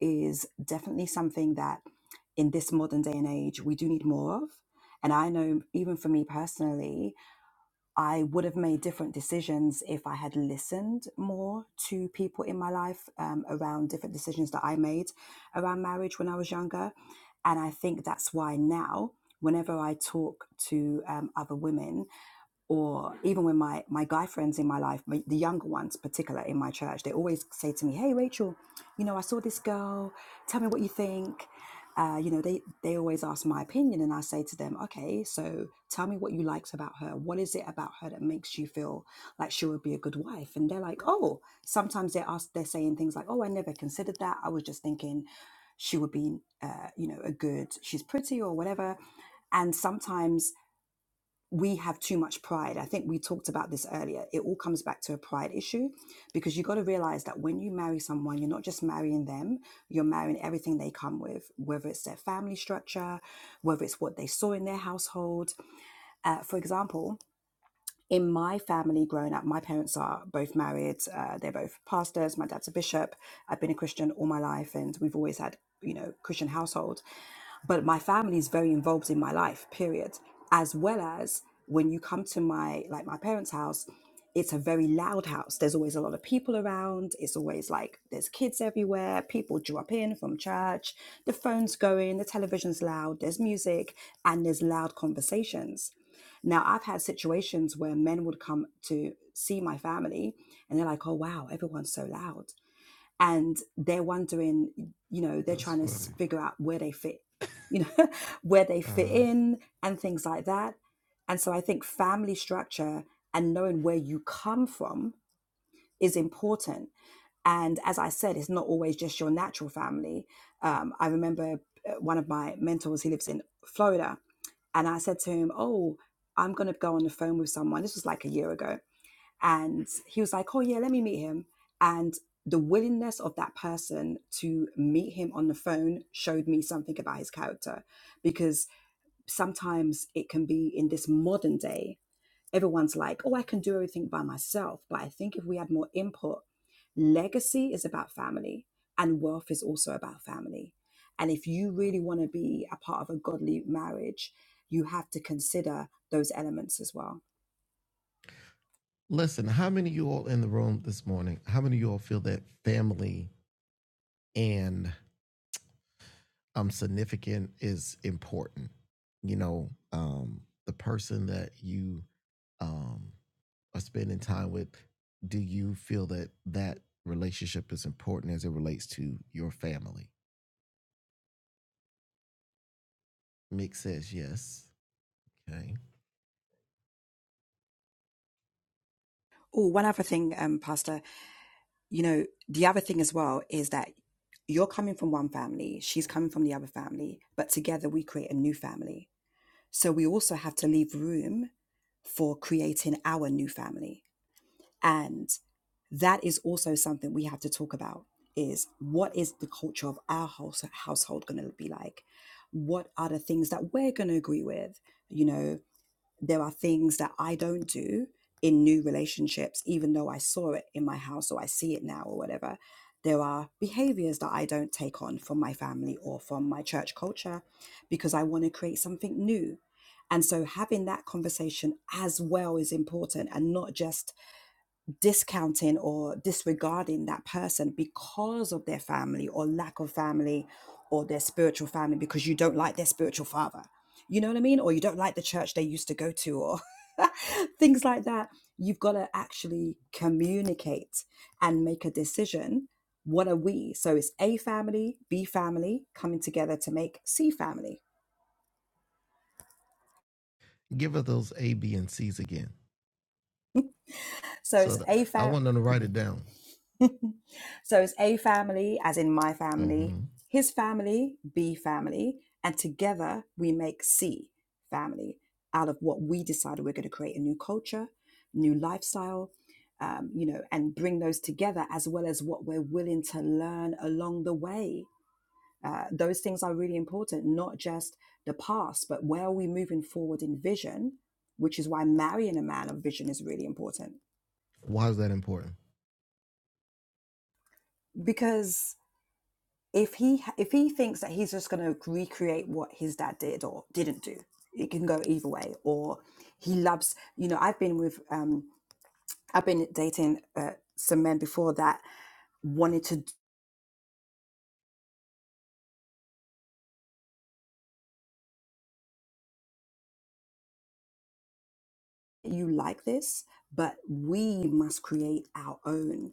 C: is definitely something that in this modern day and age we do need more of. And I know even for me personally, I would have made different decisions if I had listened more to people in my life um, around different decisions that I made around marriage when I was younger. And I think that's why now, whenever I talk to um, other women or even when my my guy friends in my life my, the younger ones particular in my church they always say to me hey rachel you know i saw this girl tell me what you think uh, you know they they always ask my opinion and i say to them okay so tell me what you liked about her what is it about her that makes you feel like she would be a good wife and they're like oh sometimes they ask they're saying things like oh i never considered that i was just thinking she would be uh, you know a good she's pretty or whatever and sometimes we have too much pride. I think we talked about this earlier. It all comes back to a pride issue because you got to realize that when you marry someone, you're not just marrying them, you're marrying everything they come with, whether it's their family structure, whether it's what they saw in their household. Uh, for example, in my family growing up, my parents are both married. Uh, they're both pastors. My dad's a bishop. I've been a Christian all my life, and we've always had, you know, Christian household. But my family is very involved in my life, period. As well as when you come to my like my parents' house, it's a very loud house. There's always a lot of people around. It's always like there's kids everywhere. People drop in from church. The phone's going. The television's loud. There's music, and there's loud conversations now, I've had situations where men would come to see my family and they're like, oh, wow, everyone's so loud. And they're wondering, you know, they're
A: That's
C: trying to
A: funny.
C: figure out where they fit, you know, [LAUGHS] where they fit
A: Uh,
C: in and things like that. And so I think family structure and knowing where you come from is important and as I said, it's not always just your natural family. Um, I remember uh, one of my mentors, he lives in Florida, and I said to him, Oh, I'm going to go on the phone with someone. This was like a year ago. And he was like, Oh, yeah, let me meet him. And the willingness of that person to meet him on the phone showed me something about his character because sometimes it can be in this modern day everyone's like, oh, I can do everything by myself. But I think if we had more input, legacy is about family and wealth is also about family. And if you really want to be a part of a godly marriage, you have to consider those elements as well.
A: listen, how many of you all in the room this morning? How many of you all feel that family and um significant is important? You know, um, the person that you um are spending time with. Do you feel that that relationship is important as it relates to your family? Mick says yes. Okay,
C: Oh, one other thing, um, Pastor, you know, the other thing as well is that you're coming from one family, she's coming from the other family, but together we create a new family. So we also have to leave room for creating our new family. and that is also something we have to talk about is what is the culture of our house, household going to be like what are the things that we're going to agree with you know there are things that i don't do in new relationships even though i saw it in my house or i see it now or whatever there are behaviors that i don't take on from my family or from my church culture because i want to create something new and so having that conversation as well is important and not just discounting or disregarding that person because of their family or lack of family or their spiritual family because you don't like their spiritual father. You know what I mean? Or you don't like the church they used to go to or [LAUGHS] things like that. You've got to actually communicate and make a decision. What are we? So it's A family, B family coming together to make C family.
A: give her those A, B, and C's again.
C: So
A: So
C: it's
A: the,
C: A
A: I
C: family.
A: want them to write it down.
C: [LAUGHS] so it's A family, as in my family,
A: hmm
C: his family, B family, and together we make C family out of what we decided we're going to create a new culture, new lifestyle, um, you know, and bring those together as well as what we're willing to learn along the way. Uh, those things are really important, not just the past, but where are we moving forward in vision, which is why marrying a man of vision is really important
A: Why is that important?
C: because if he if he thinks that he's just going to recreate what his dad did or didn't do it can go either way or he loves you know i've been with um i've been dating uh, some men before that wanted to you like this, but we must create our own.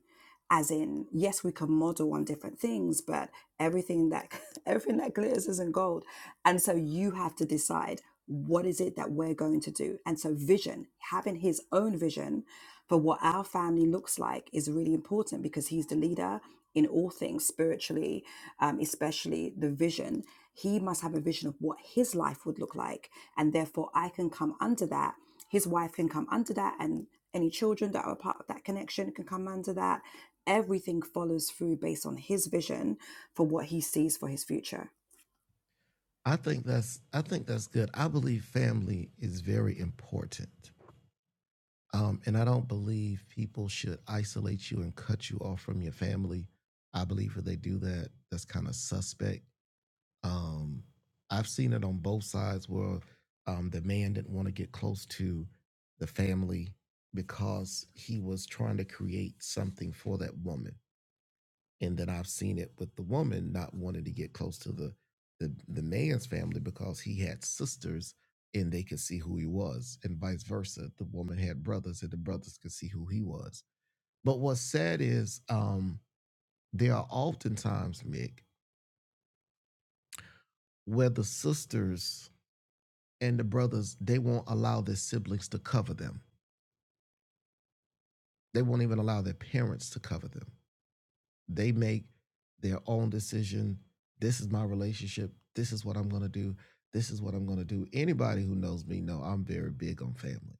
C: As in, yes, we can model on different things, but everything that [LAUGHS] everything that glitters isn't gold. And so you have to decide what is it that we're going to do. And so vision, having his own vision for what our family looks like is really important because he's the leader in all things spiritually, um, especially the vision. He must have a vision of what his life would look like. And therefore I can come under that his wife can come under that, and any children that are a part of that connection can come under that. Everything follows through based on his vision for what he sees for his future.
A: I think that's I think that's good. I believe family is very important. Um, and I don't believe people should isolate you and cut you off from your family. I believe if they do that, that's kind of suspect. Um, I've seen it on both sides where um, the man didn't want to get close to the family because he was trying to create something for that woman and that I've seen it with the woman not wanting to get close to the the, the man's family because he had sisters and they could see who he was, and vice versa. The woman had brothers and the brothers could see who he was. But what's sad is um, there are oftentimes, Mick, where the sisters and the brothers they won't allow their siblings to cover them. They won't even allow their parents to cover them They make their own decision. This is my relationship. This is what I'm going to do. This is what I'm going to do. Anybody who knows me know I'm very big on family.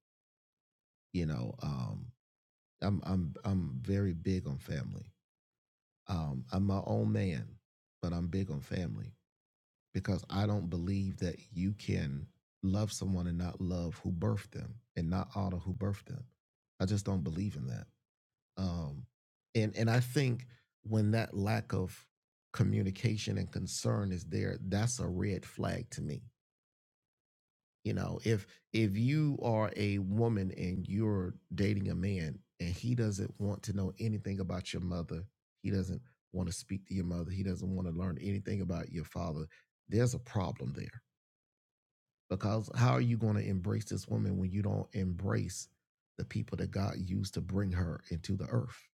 A: You know, um, I'm I'm I'm very big on family. Um, I'm my own man, but I'm big on family because I don't believe that you can love someone and not love who birthed them and not honor who birthed them. I just don't believe in that. Um, and and I think when that lack of communication and concern is there, that's a red flag to me. You know, if if you are a woman and you're dating a man and he doesn't want to know anything about your mother, he doesn't want to speak to your mother, he doesn't want to learn anything about your father, there's a problem there. Because how are you going to embrace this woman when you don't embrace the people that God used to bring her into the earth?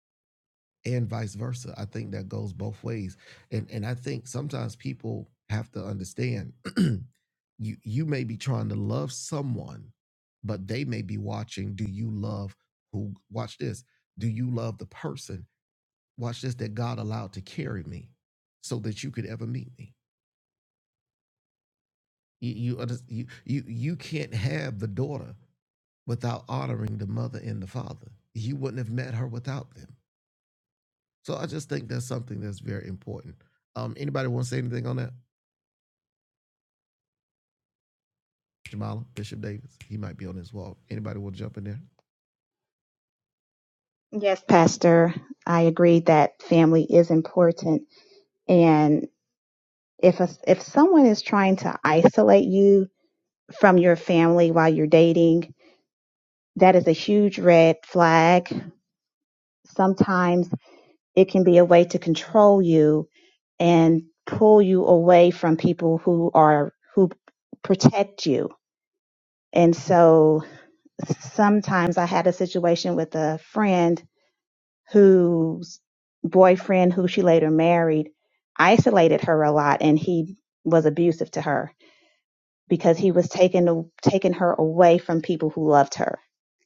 A: and vice versa. I think that goes both ways. And and I think sometimes people have to understand [CLEARS THROAT] you you may be trying to love someone, but they may be watching do you love who watch this? Do you love the person? Watch this that God allowed to carry me so that you could ever meet me. You you you you, you can't have the daughter without honoring the mother and the father. You wouldn't have met her without them So I just think that's something that's very important. Um, anybody want to say anything on that? Jamala Bishop Davis, he might be on his wall. Anybody want to jump in there?
D: Yes, Pastor, I agree that family is important. And If a, if someone is trying to isolate you from your family while you're dating, that is a huge red flag. Sometimes it can be a way to control you and pull you away from people who are who protect you. And so sometimes I had a situation with a friend whose boyfriend who she later married isolated her a lot and he was abusive to her because he was taking taking her away from people who loved her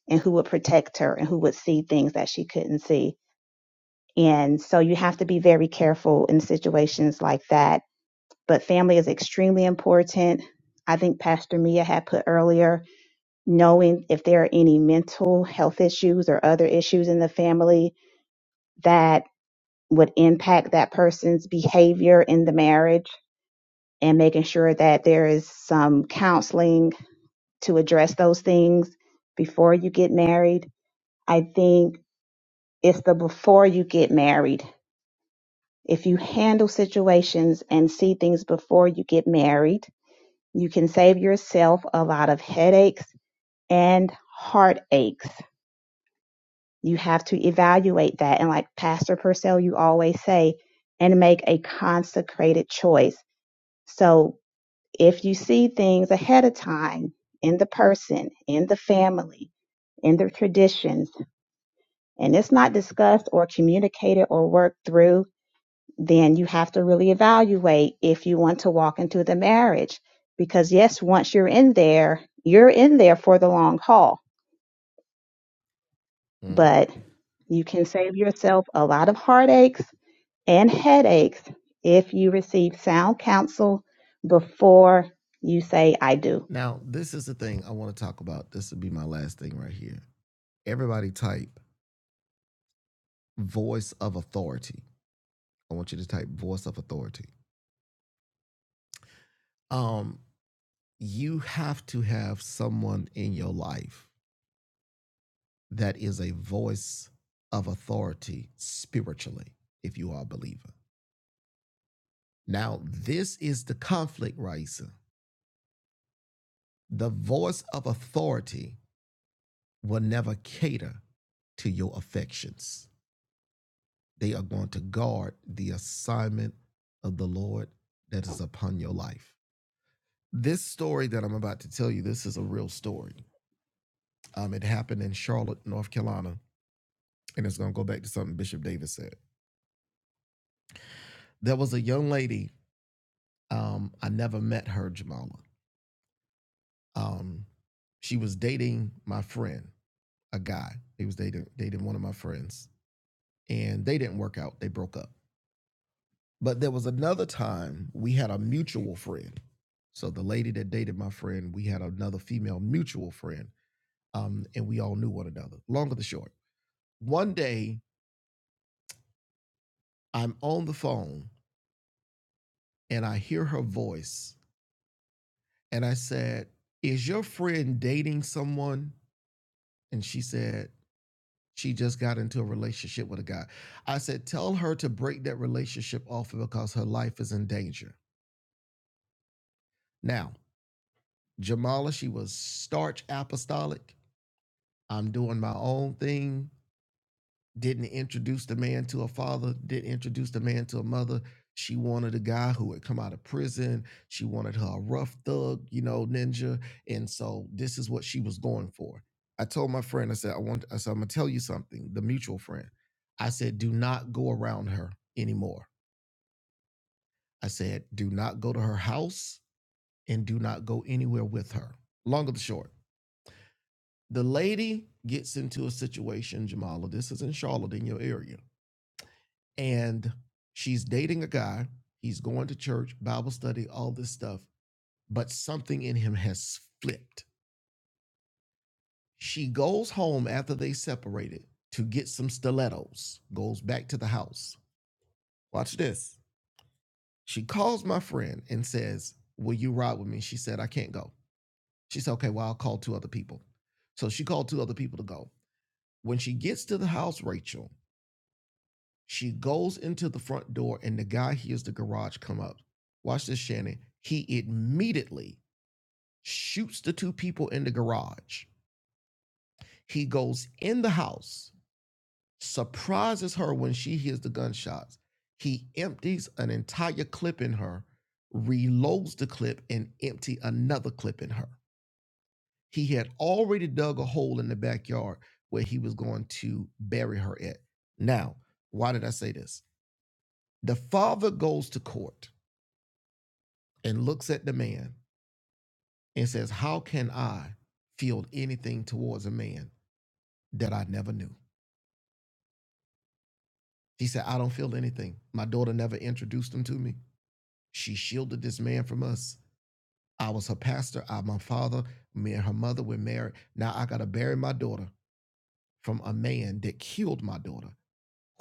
D: and who would protect her and who would see things that she couldn't see. And so you have to be very careful in situations like that. But family is extremely important. I think Pastor Mia had put earlier knowing if there are any mental health issues or other issues in the family that would impact that person's behavior in the marriage and making sure that there is some counseling to address those things before you get married. I think it's the before you get married. If you handle situations and see things before you get married, you can save yourself a lot of headaches and heartaches. You have to evaluate that. And like Pastor Purcell, you always say, and make a consecrated choice. So if you see things ahead of time in the person, in the family, in their traditions, and it's not discussed or communicated or worked through, then you have to really evaluate if you want to walk into the marriage. Because, yes, once you're in there, you're in there for the long haul,
A: Mm.
D: but you can save yourself a lot of heartaches and headaches if you receive sound counsel before you say, I do.
A: Now, this is the thing I want to talk about. This will be my last thing right here. Everybody type voice of authority. I want you to type voice of authority. Um, you have to have someone in your life that is a voice of authority spiritually, if you are a believer. Now, this is the conflict, Raisa. The voice of authority will never cater to your affections. They are going to guard the assignment of the Lord that is upon your life. This story that I'm about to tell you, this is a real story. Um, it happened in Charlotte, North Carolina, and it's going to go back to something Bishop Davis said. There was a young lady. Um, I never met her, Jamala. Um, she was dating my friend, a guy. He was dating dating one of my friends, and they didn't work out. They broke up. But there was another time we had a mutual friend. So the lady that dated my friend, we had another female mutual friend, um, and we all knew one another. Long or the short, one day I'm on the phone and I hear her voice, and I said, "Is your friend dating someone?" And she said, "She just got into a relationship with a guy." I said, "Tell her to break that relationship off because her life is in danger." Now, Jamala, she was starch apostolic I'm doing my own thing. Didn't introduce the man to a father, didn't introduce the man to a mother. She wanted a guy who had come out of prison. She wanted her a rough thug, you know, ninja. And so this is what she was going for. I told my friend, I said, I want, I said, I'm gonna tell you something, the mutual friend. I said, do not go around her anymore. I said, do not go to her house and do not go anywhere with her. Long of the short, the lady gets into a situation, Jamala. This is in Charlotte in your area and she's dating a guy. He's going to church, Bible study, all this stuff, but something in him has flipped. She goes home after they separated to get some stilettos, goes back to the house. Watch this. She calls my friend and says, Will you ride with me? She said, I can't go. She said, Okay, well, I'll call two other people. So she called two other people to go. When she gets to the house, Rachel, She goes into the front door, and the guy hears the garage come up. Watch this, Shannon. He immediately shoots the two people in the garage. He goes in the house, surprises her when she hears the gunshots. He empties an entire clip in her, reloads the clip, and empty another clip in her. He had already dug a hole in the backyard where he was going to bury her at. Now, why did I say this? The father goes to court and looks at the man and says, How can I feel anything towards a man that I never knew? He said, I don't feel anything. My daughter never introduced him to me. She shielded this man from us. I was her pastor. I'm my father. Me and her mother were married. Now I got to bury my daughter from a man that killed my daughter,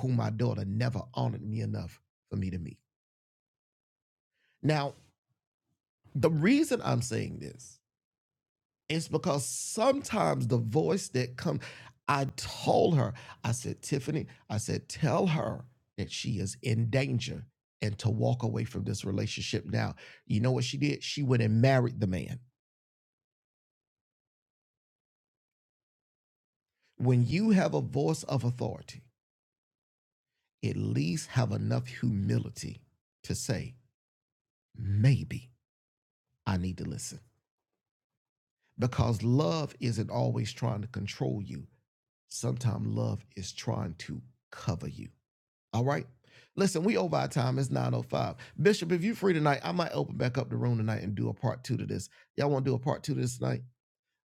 A: whom my daughter never honored me enough for me to meet. Now, the reason I'm saying this It's because sometimes the voice that comes, I told her, I said, Tiffany, I said, tell her that she is in danger and to walk away from this relationship now. You know what she did? She went and married the man. When you have a voice of authority, at least have enough humility to say, maybe I need to listen. Because love isn't always trying to control you. Sometimes love is trying to cover you. All right. Listen, we over our time. It's 905. Bishop, if you are free tonight, I might open back up the room tonight and do a part two to this. Y'all want to do a part two to this tonight?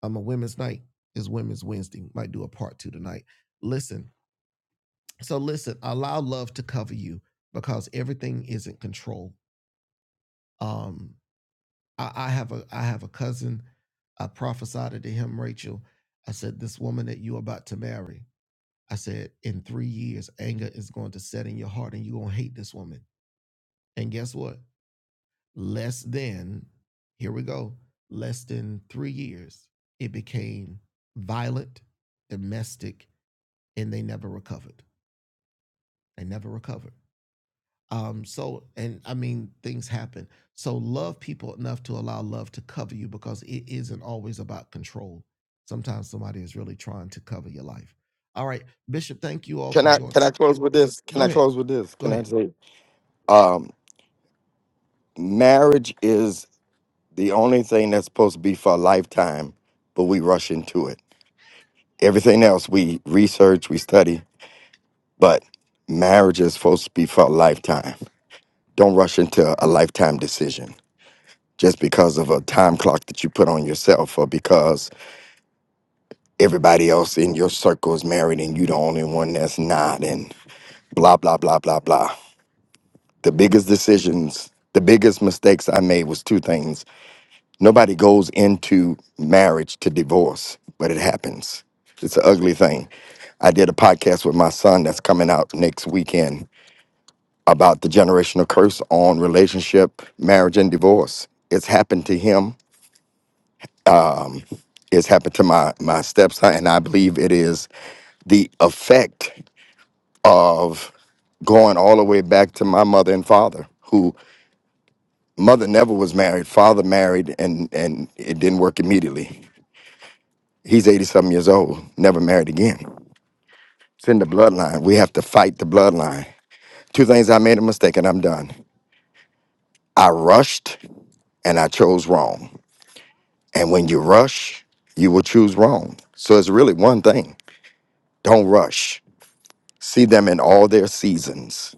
A: I'm um, a women's night. It's women's Wednesday. Might do a part two tonight. Listen. So listen, allow love to cover you because everything is in control. Um, I, I have a I have a cousin. I prophesied to him, Rachel. I said, This woman that you're about to marry, I said, in three years, anger is going to set in your heart and you're gonna hate this woman. And guess what? less than, here we go, less than three years, it became violent, domestic, and they never recovered. They never recovered. Um, so, and I mean, things happen. So, love people enough to allow love to cover you because it isn't always about control. Sometimes somebody is really trying to cover your life. All right, Bishop, thank you all for
E: Can I can
A: joining.
E: I close with this? Can
A: Go
E: I
A: ahead.
E: close with this?
A: Go
E: Can I
A: ahead.
E: say, um, marriage is the only thing that's supposed to be for a lifetime, but we rush into it Everything else we research, we study, but marriage is supposed to be for a lifetime. Don't rush into a lifetime decision just because of a time clock that you put on yourself or because everybody else in your circle is married and you the only one that's not and blah blah blah blah blah. The biggest decisions, the biggest mistakes I made was two things. Nobody goes into marriage to divorce, but it happens. It's an ugly thing. I did a podcast with my son that's coming out next weekend about the generational curse on relationship, marriage, and divorce. It's happened to him. It's happened to my my stepson, and I believe it is the effect of going all the way back to my mother and father, who mother never was married, father married, and and it didn't work immediately. He's eighty something years old, never married again. It's in the bloodline. We have to fight the bloodline. Two things I made a mistake and I'm done. I rushed and I chose wrong. And when you rush, you will choose wrong. So it's really one thing. Don't rush. See them in all their seasons.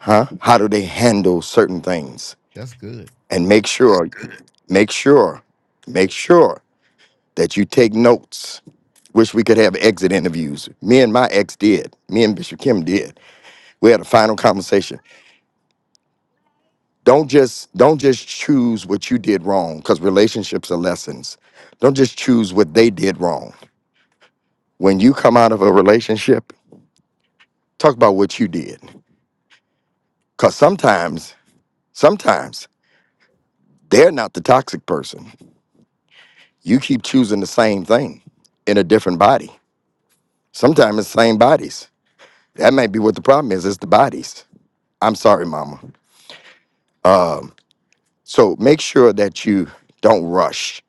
E: Huh? How do they handle certain things?
A: That's good.
E: And make sure, make sure, make sure that you take notes. Wish we could have exit interviews. Me and my ex did. Me and Bishop Kim did. We had a final conversation don't just don't just choose what you did wrong because relationships are lessons don't just choose what they did wrong when you come out of a relationship talk about what you did because sometimes sometimes they're not the toxic person you keep choosing the same thing in a different body sometimes it's same bodies that might be what the problem is it's the bodies i'm sorry mama um, so make sure that you don't rush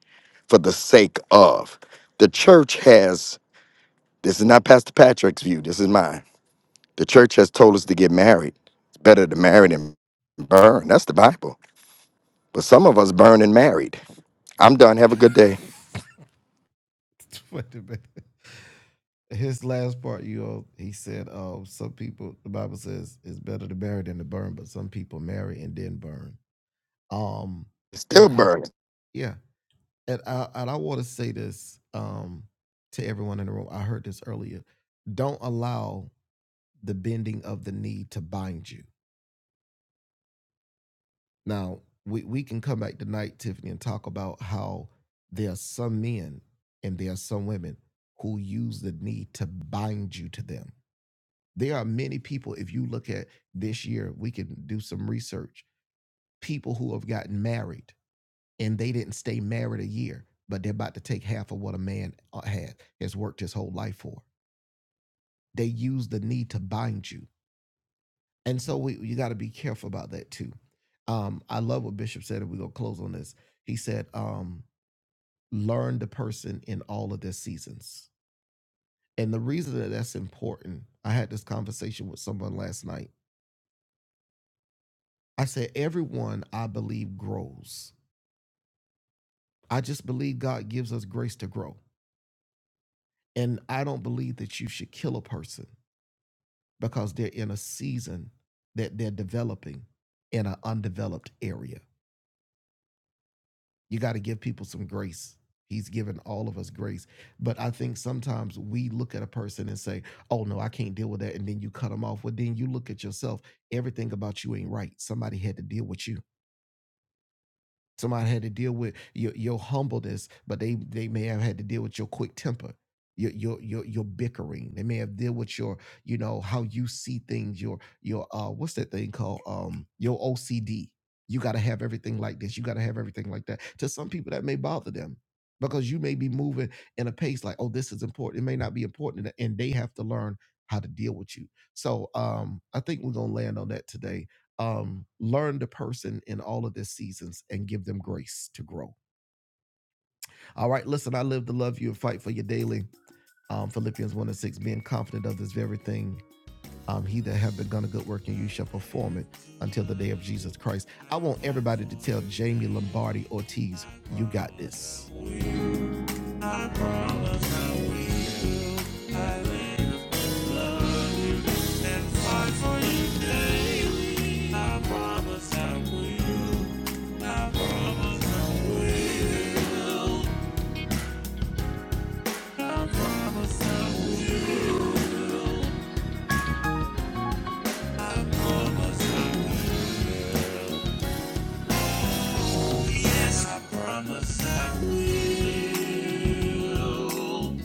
E: for the sake of the church has This is not Pastor Patrick's view. This is mine. The church has told us to get married. It's better to marry than burn. That's the Bible. But some of us burn and married. I'm done. Have a good day.
A: [LAUGHS] Wait a minute. His last part, you know, he said, "Oh, some people." The Bible says it's better to marry than to burn, but some people marry and then burn. Um, and
E: Still
A: I,
E: burning.
A: yeah, and I, and I want to say this, um, to everyone in the room. I heard this earlier. Don't allow the bending of the knee to bind you. Now, we we can come back tonight, Tiffany, and talk about how there are some men and there are some women who use the knee to bind you to them There are many people, if you look at this year, we can do some research. People who have gotten married and they didn't stay married a year, but they're about to take half of what a man uh, had has worked his whole life for. They use the need to bind you. And so we, you got to be careful about that too. Um, I love what Bishop said, and we're going to close on this. He said, um, learn the person in all of their seasons. And the reason that that's important, I had this conversation with someone last night I said, everyone I believe grows. I just believe God gives us grace to grow. And I don't believe that you should kill a person because they're in a season that they're developing in an undeveloped area. You got to give people some grace. He's given all of us grace. But I think sometimes we look at a person and say, oh, no, I can't deal with that. And then you cut them off. Well, then you look at yourself. Everything about you ain't right. Somebody had to deal with you Somebody had to deal with your, your humbleness, but they, they may have had to deal with your quick temper, your, your your your bickering. They may have deal with your, you know, how you see things, your your uh what's that thing called? Um your OCD. You gotta have everything like this. You gotta have everything like that. To some people that may bother them because you may be moving in a pace like, oh, this is important. It may not be important and and they have to learn how to deal with you. So um I think we're gonna land on that today um, learn the person in all of their seasons and give them grace to grow. All right, listen, I live to love you and fight for you daily. Um, Philippians 1 and 6, being confident of this very thing, um, he that hath begun a good work in you shall perform it until the day of Jesus Christ. I want everybody to tell Jamie Lombardi Ortiz, you got this. And fight for you daily. I promise I will. I promise I will. Promise I will.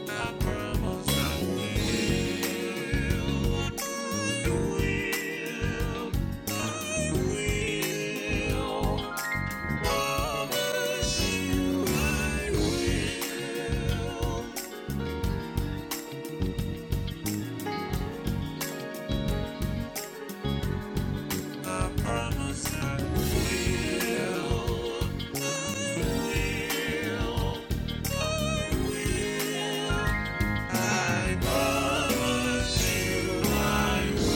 A: I promise I will. I will. Promise you I will. I promise I. will. I promise you I will.